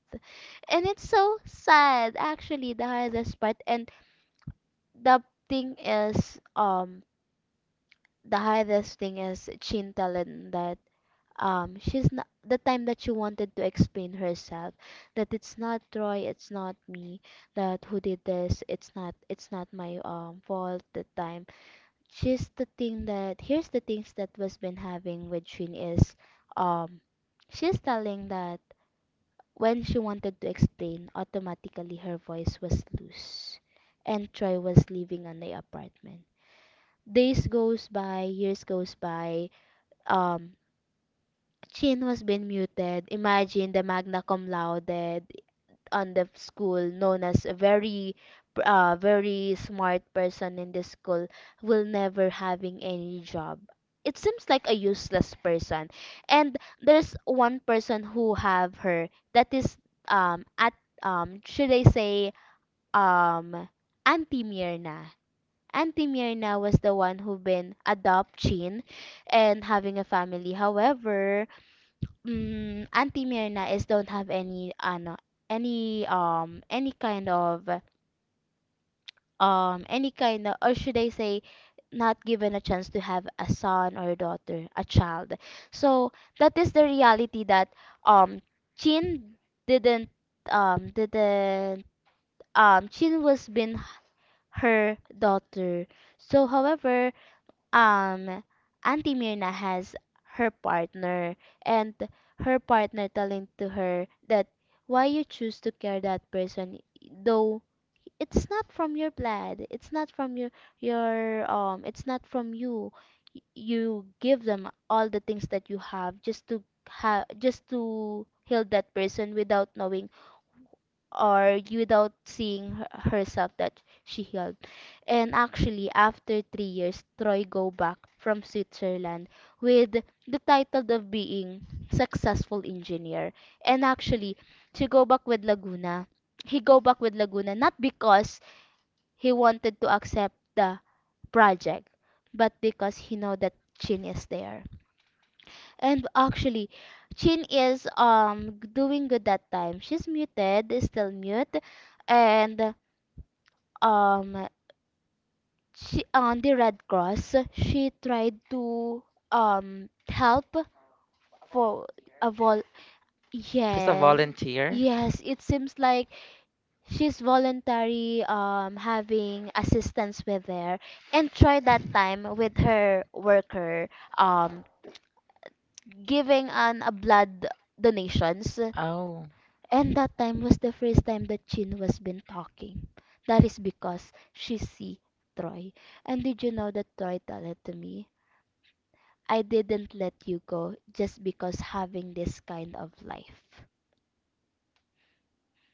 And it's so sad. Actually the hardest part and the thing is, um the hardest thing is Jean telling that um she's not the time that she wanted to explain herself, that it's not Troy, it's not me, that who did this, it's not it's not my um fault that time. She's the thing that here's the things that was been having with Trin is um she's telling that when she wanted to explain, automatically her voice was loose, and Troy was living in the apartment. Days goes by, years goes by, um Chin was been muted. Imagine the magna cum laude, on the school known as a very uh, very smart person in the school will never having any job, it seems like a useless person. And there's one person who have her, that is um at um should I say, um Auntie Mirna. Auntie Mirna was the one who been adopting and having a family. However, mm, Auntie Mirna is don't have any ano any um any kind of um any kind of, or should I say, not given a chance to have a son or a daughter, a child. So that is the reality, that um Chin didn't um didn't um Chin was been her daughter. So however, um Auntie Mirna has her partner, and her partner telling to her that why you choose to care that person, though it's not from your blood, it's not from your your um it's not from you. Y- you give them all the things that you have just to have just to heal that person without knowing or without seeing her- herself that she healed. And actually, after three years, Troy go back from Switzerland with the title of being successful engineer. And actually, she go back with Laguna. He go back with Laguna not because he wanted to accept the project, but because he know that Chin is there. And actually, Chin is um g- doing good that time. She's muted, is still mute, and um she on the Red Cross, she tried to um help for a vol.
She's a
Yes,
volunteer.
yes. It seems like she's voluntary um having assistance with there, and tried that time with her worker um giving an a blood donations.
Oh.
And that time was the first time that Chin was been talking. That is because she see Troy. And did you know that Troy told it to me? I didn't let you go just because having this kind of life.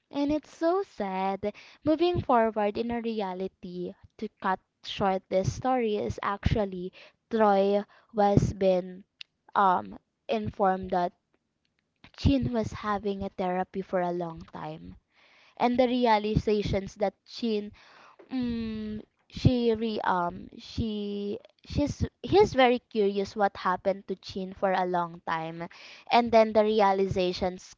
And it's so sad. Moving forward in a reality, to cut short this story is actually Troy was been um informed that Chin was having a therapy for a long time, and the realizations that Chin, mm, she re um she she's he's very curious what happened to Chin for a long time, and then the realizations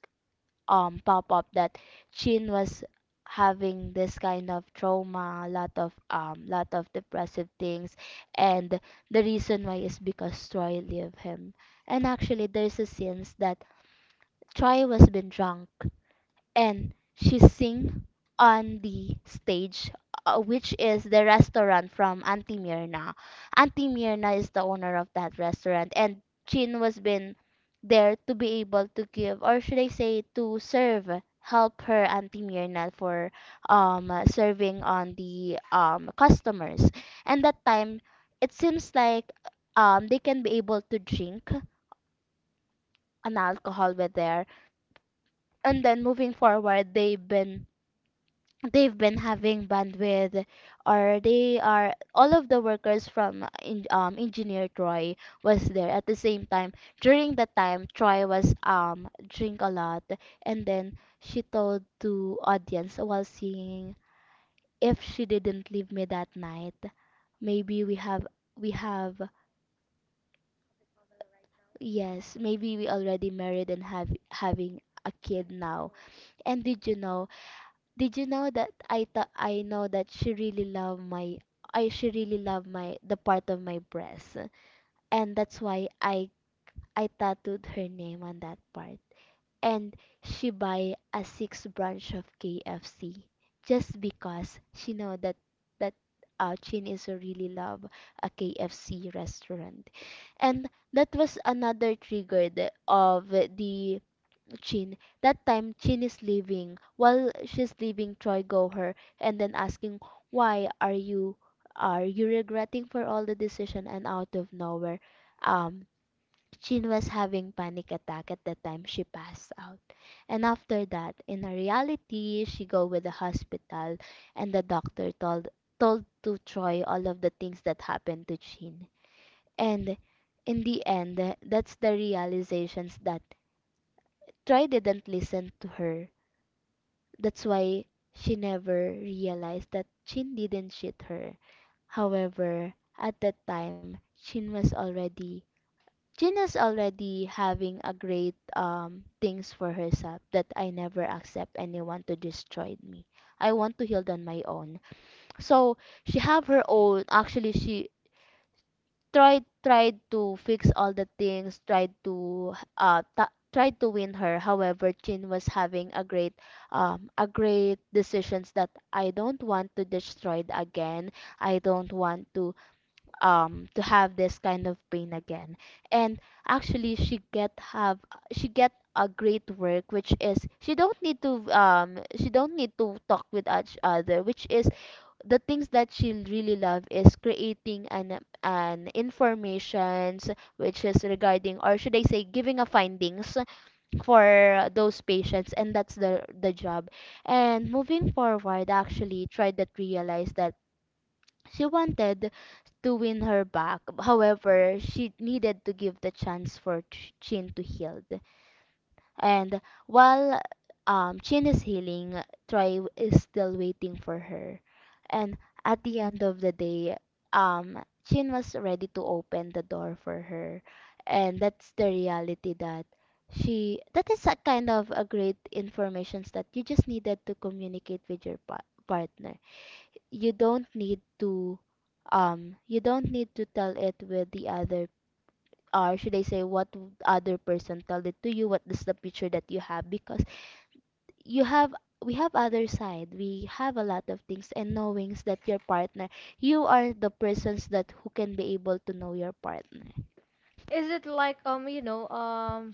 um pop up that Chin was having this kind of trauma, a lot of um lot of depressive things, and the reason why is because Troy leave him. And actually, there's a sense that Troy was been drunk and she sing on the stage, uh, which is the restaurant from Auntie Mirna. Auntie Mirna is the owner of that restaurant, and Chin was been there to be able to give, or should I say to serve, help her Auntie Mirna for um uh, serving on the um customers. And that time, it seems like um they can be able to drink an alcohol with there. And then moving forward, they've been they've been having bandwidth, or they are all of the workers from in, um, engineer. Troy was there at the same time. During that time, Troy was um drink a lot. And then she told to audience while singing, if she didn't leave me that night, maybe we have we have yes, maybe we already married and have having a kid now. And did you know, did you know that I thought I know that she really loved my I she really loved my the part of my breast. And that's why I I tattooed her name on that part. And she buy a six branch of K F C just because she know that that uh, Chin is a really love a K F C restaurant. And that was another trigger the- of the Chin. That time Chin is leaving. While she's leaving, Troy go her and then asking, why are you, are you regretting for all the decision and out of nowhere. Um Chin was having panic attack at the time she passed out. And after that, in a reality, she go with the hospital and the doctor told told to Troy all of the things that happened to Chin. And in the end, that's the realizations that Troy didn't listen to her. That's why she never realized that Chin didn't cheat her. However, at that time, Chin was already Chin was already having a great um things for herself, that I never accept anyone to destroy me. I want to heal on my own. So she have her own, actually she tried tried to fix all the things, tried to uh ta- tried to win her. However, Chin was having a great um a great decisions, that I don't want to destroy it again. I don't want to, um to have this kind of pain again. And actually she get have she get a great work, which is she don't need to um she don't need to talk with each other, which is the things that she really love is creating an an informations, which is regarding, or should I say, giving a findings for those patients, and that's the the job. And moving forward, actually tried to realize that she wanted to win her back. However, she needed to give the chance for Ch- Chin to heal. And while um, Chin is healing, Troy is still waiting for her. And at the end of the day, um, Chin was ready to open the door for her. And that's the reality that she, that is a kind of a great informations that you just needed to communicate with your pa- partner. You don't need to, um, you don't need to tell it with the other, or should I say what w- other person told it to you, what is the picture that you have. Because you have, we have other side. We have a lot of things and knowings that your partner, you are the persons that who can be able to know your partner.
Is it like, um you know, um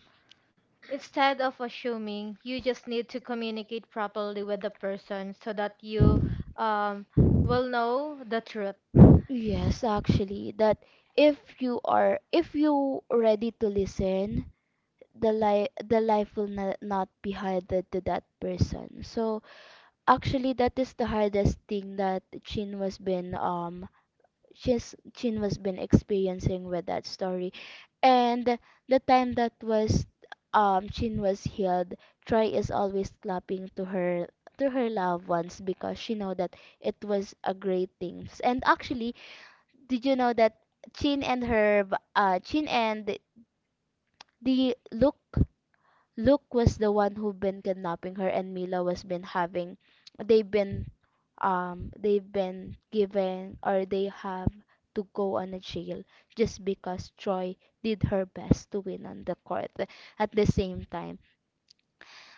instead of assuming, you just need to communicate properly with the person so that you, um will know the truth.
Yes, actually, that if you are, if you ready to listen, the life the life will not, not be harder to that person. So actually, that is the hardest thing that Chin was been um she's Chin was been experiencing with that story. And the time that was um Chin was healed, Troy is always clapping to her, to her loved ones, because she know that it was a great thing. And actually, did you know that Chin and her b- uh Chin and the Luke Luke was the one who've been kidnapping her, and Mila was been having, they've been, um they've been given, or they have to go on a jail, just because Troy did her best to win on the court. At the same time,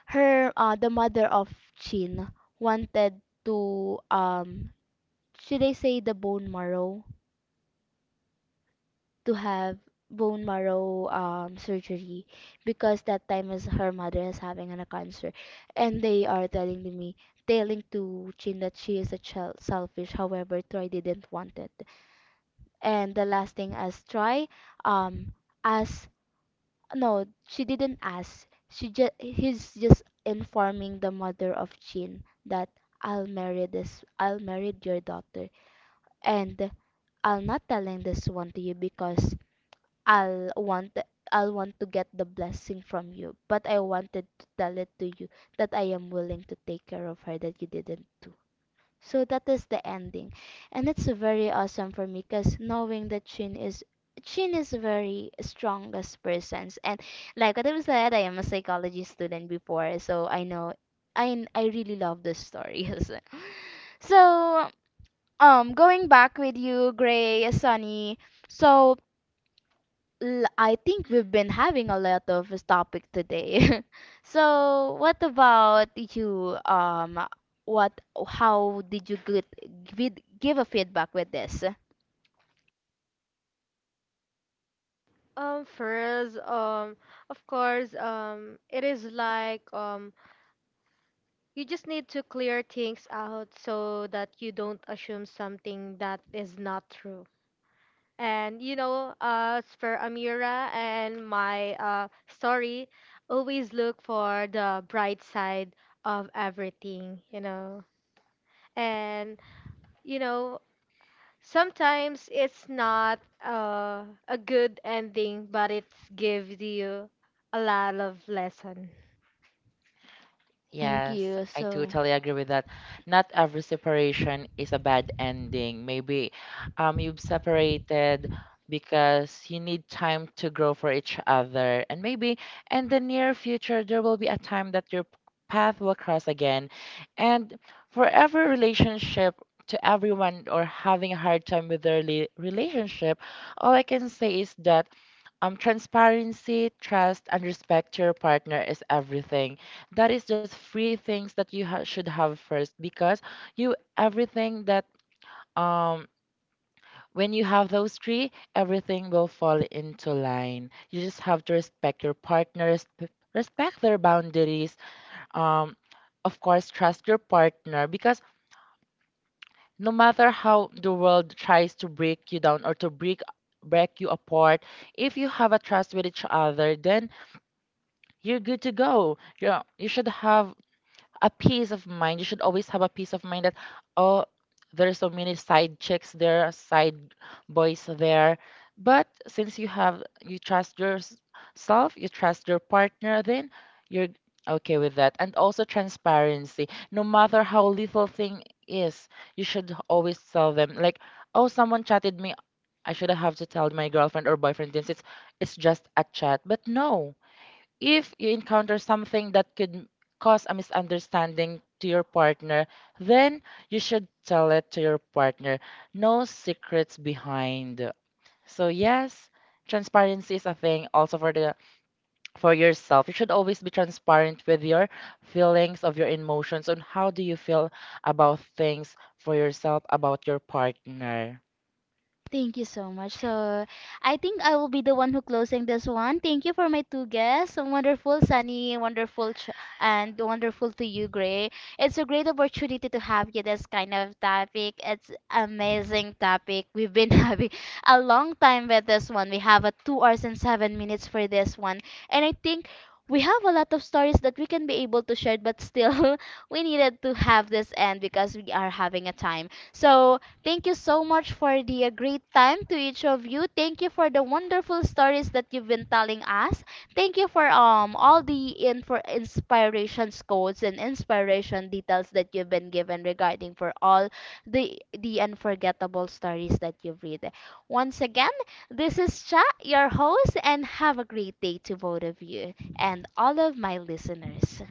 her uh the mother of Chin wanted to, um should I say, the bone marrow, to have bone marrow um, surgery, because that time is her mother is having a cancer. And they are telling to me, telling to Chin that she is a child selfish, however Troy didn't want it. And the last thing as Troy, um as no, she didn't ask, she just he's just informing the mother of Chin that, I'll marry this I'll marry your daughter. And I'll not telling this one to you because I'll want I'll want to get the blessing from you, but I wanted to tell it to you that I am willing to take care of her, that you didn't do. So that is the ending. And it's very awesome for me, because knowing that Chin is Chin is very strongest persons. And like what I said, I am a psychology student before, so I know I I really love the stories. So um going back with you, Gray, Sunny, so, L- I think we've been having a lot of this topic today. So, what about you? Um, what? How did you get, give give a feedback with this?
Um, first, um, of course, um, it is like, um, you just need to clear things out so that you don't assume something that is not true. And you know, uh, as for Amira and my uh, story, always look for the bright side of everything, you know. And you know, sometimes it's not uh, a good ending, but it gives you a lot of lesson.
Thank
Yes,
you.
I
So.
totally agree with that. Not every separation is a bad ending. Maybe um you've separated because you need time to grow for each other. And maybe in the near future there will be a time that your p- path will cross again. And for every relationship, to everyone or having a hard time with their rela- relationship, all I can say is that um, transparency, trust, and respect to your partner is everything. That is just three things that you ha- should have first because you everything that um when you have those three, everything will fall into line. You just have to respect your partner, resp- respect their boundaries. Um, of course, trust your partner because no matter how the world tries to break you down or to break break you apart, if you have a trust with each other, then you're good to go. Yeah, you should have a peace of mind. You should always have a peace of mind that, oh, there's so many side chicks there, side boys there. But since you have, you trust yourself, you trust your partner, then you're okay with that. And also transparency. No matter how little thing is, you should always tell them, like, oh, someone chatted me. I shouldn't have to tell my girlfriend or boyfriend since it's it's just a chat. But no, if you encounter something that could cause a misunderstanding to your partner, then you should tell it to your partner. No secrets behind. So yes, transparency is a thing also for the for yourself. You should always be transparent with your feelings of your emotions on how do you feel about things for yourself about your partner.
Thank you so much. So I think I will be the one who closing this one. Thank you for my two guests. So wonderful, Sunny, wonderful, Ch- and wonderful to you, Gray. It's a great opportunity to have you this kind of topic. It's amazing topic. We've been having a long time with this one. We have a two hours and seven minutes for this one, and I think we have a lot of stories that we can be able to share, but still we needed to have this end because we are having a time. So thank you so much for the uh, great time to each of you. Thank you for the wonderful stories that you've been telling us. Thank you for um all the info, inspirations, quotes, and inspiration details that you've been given regarding for all the the unforgettable stories that you've read. Once again, this is Cha, your host, and have a great day to both of you and all of my listeners.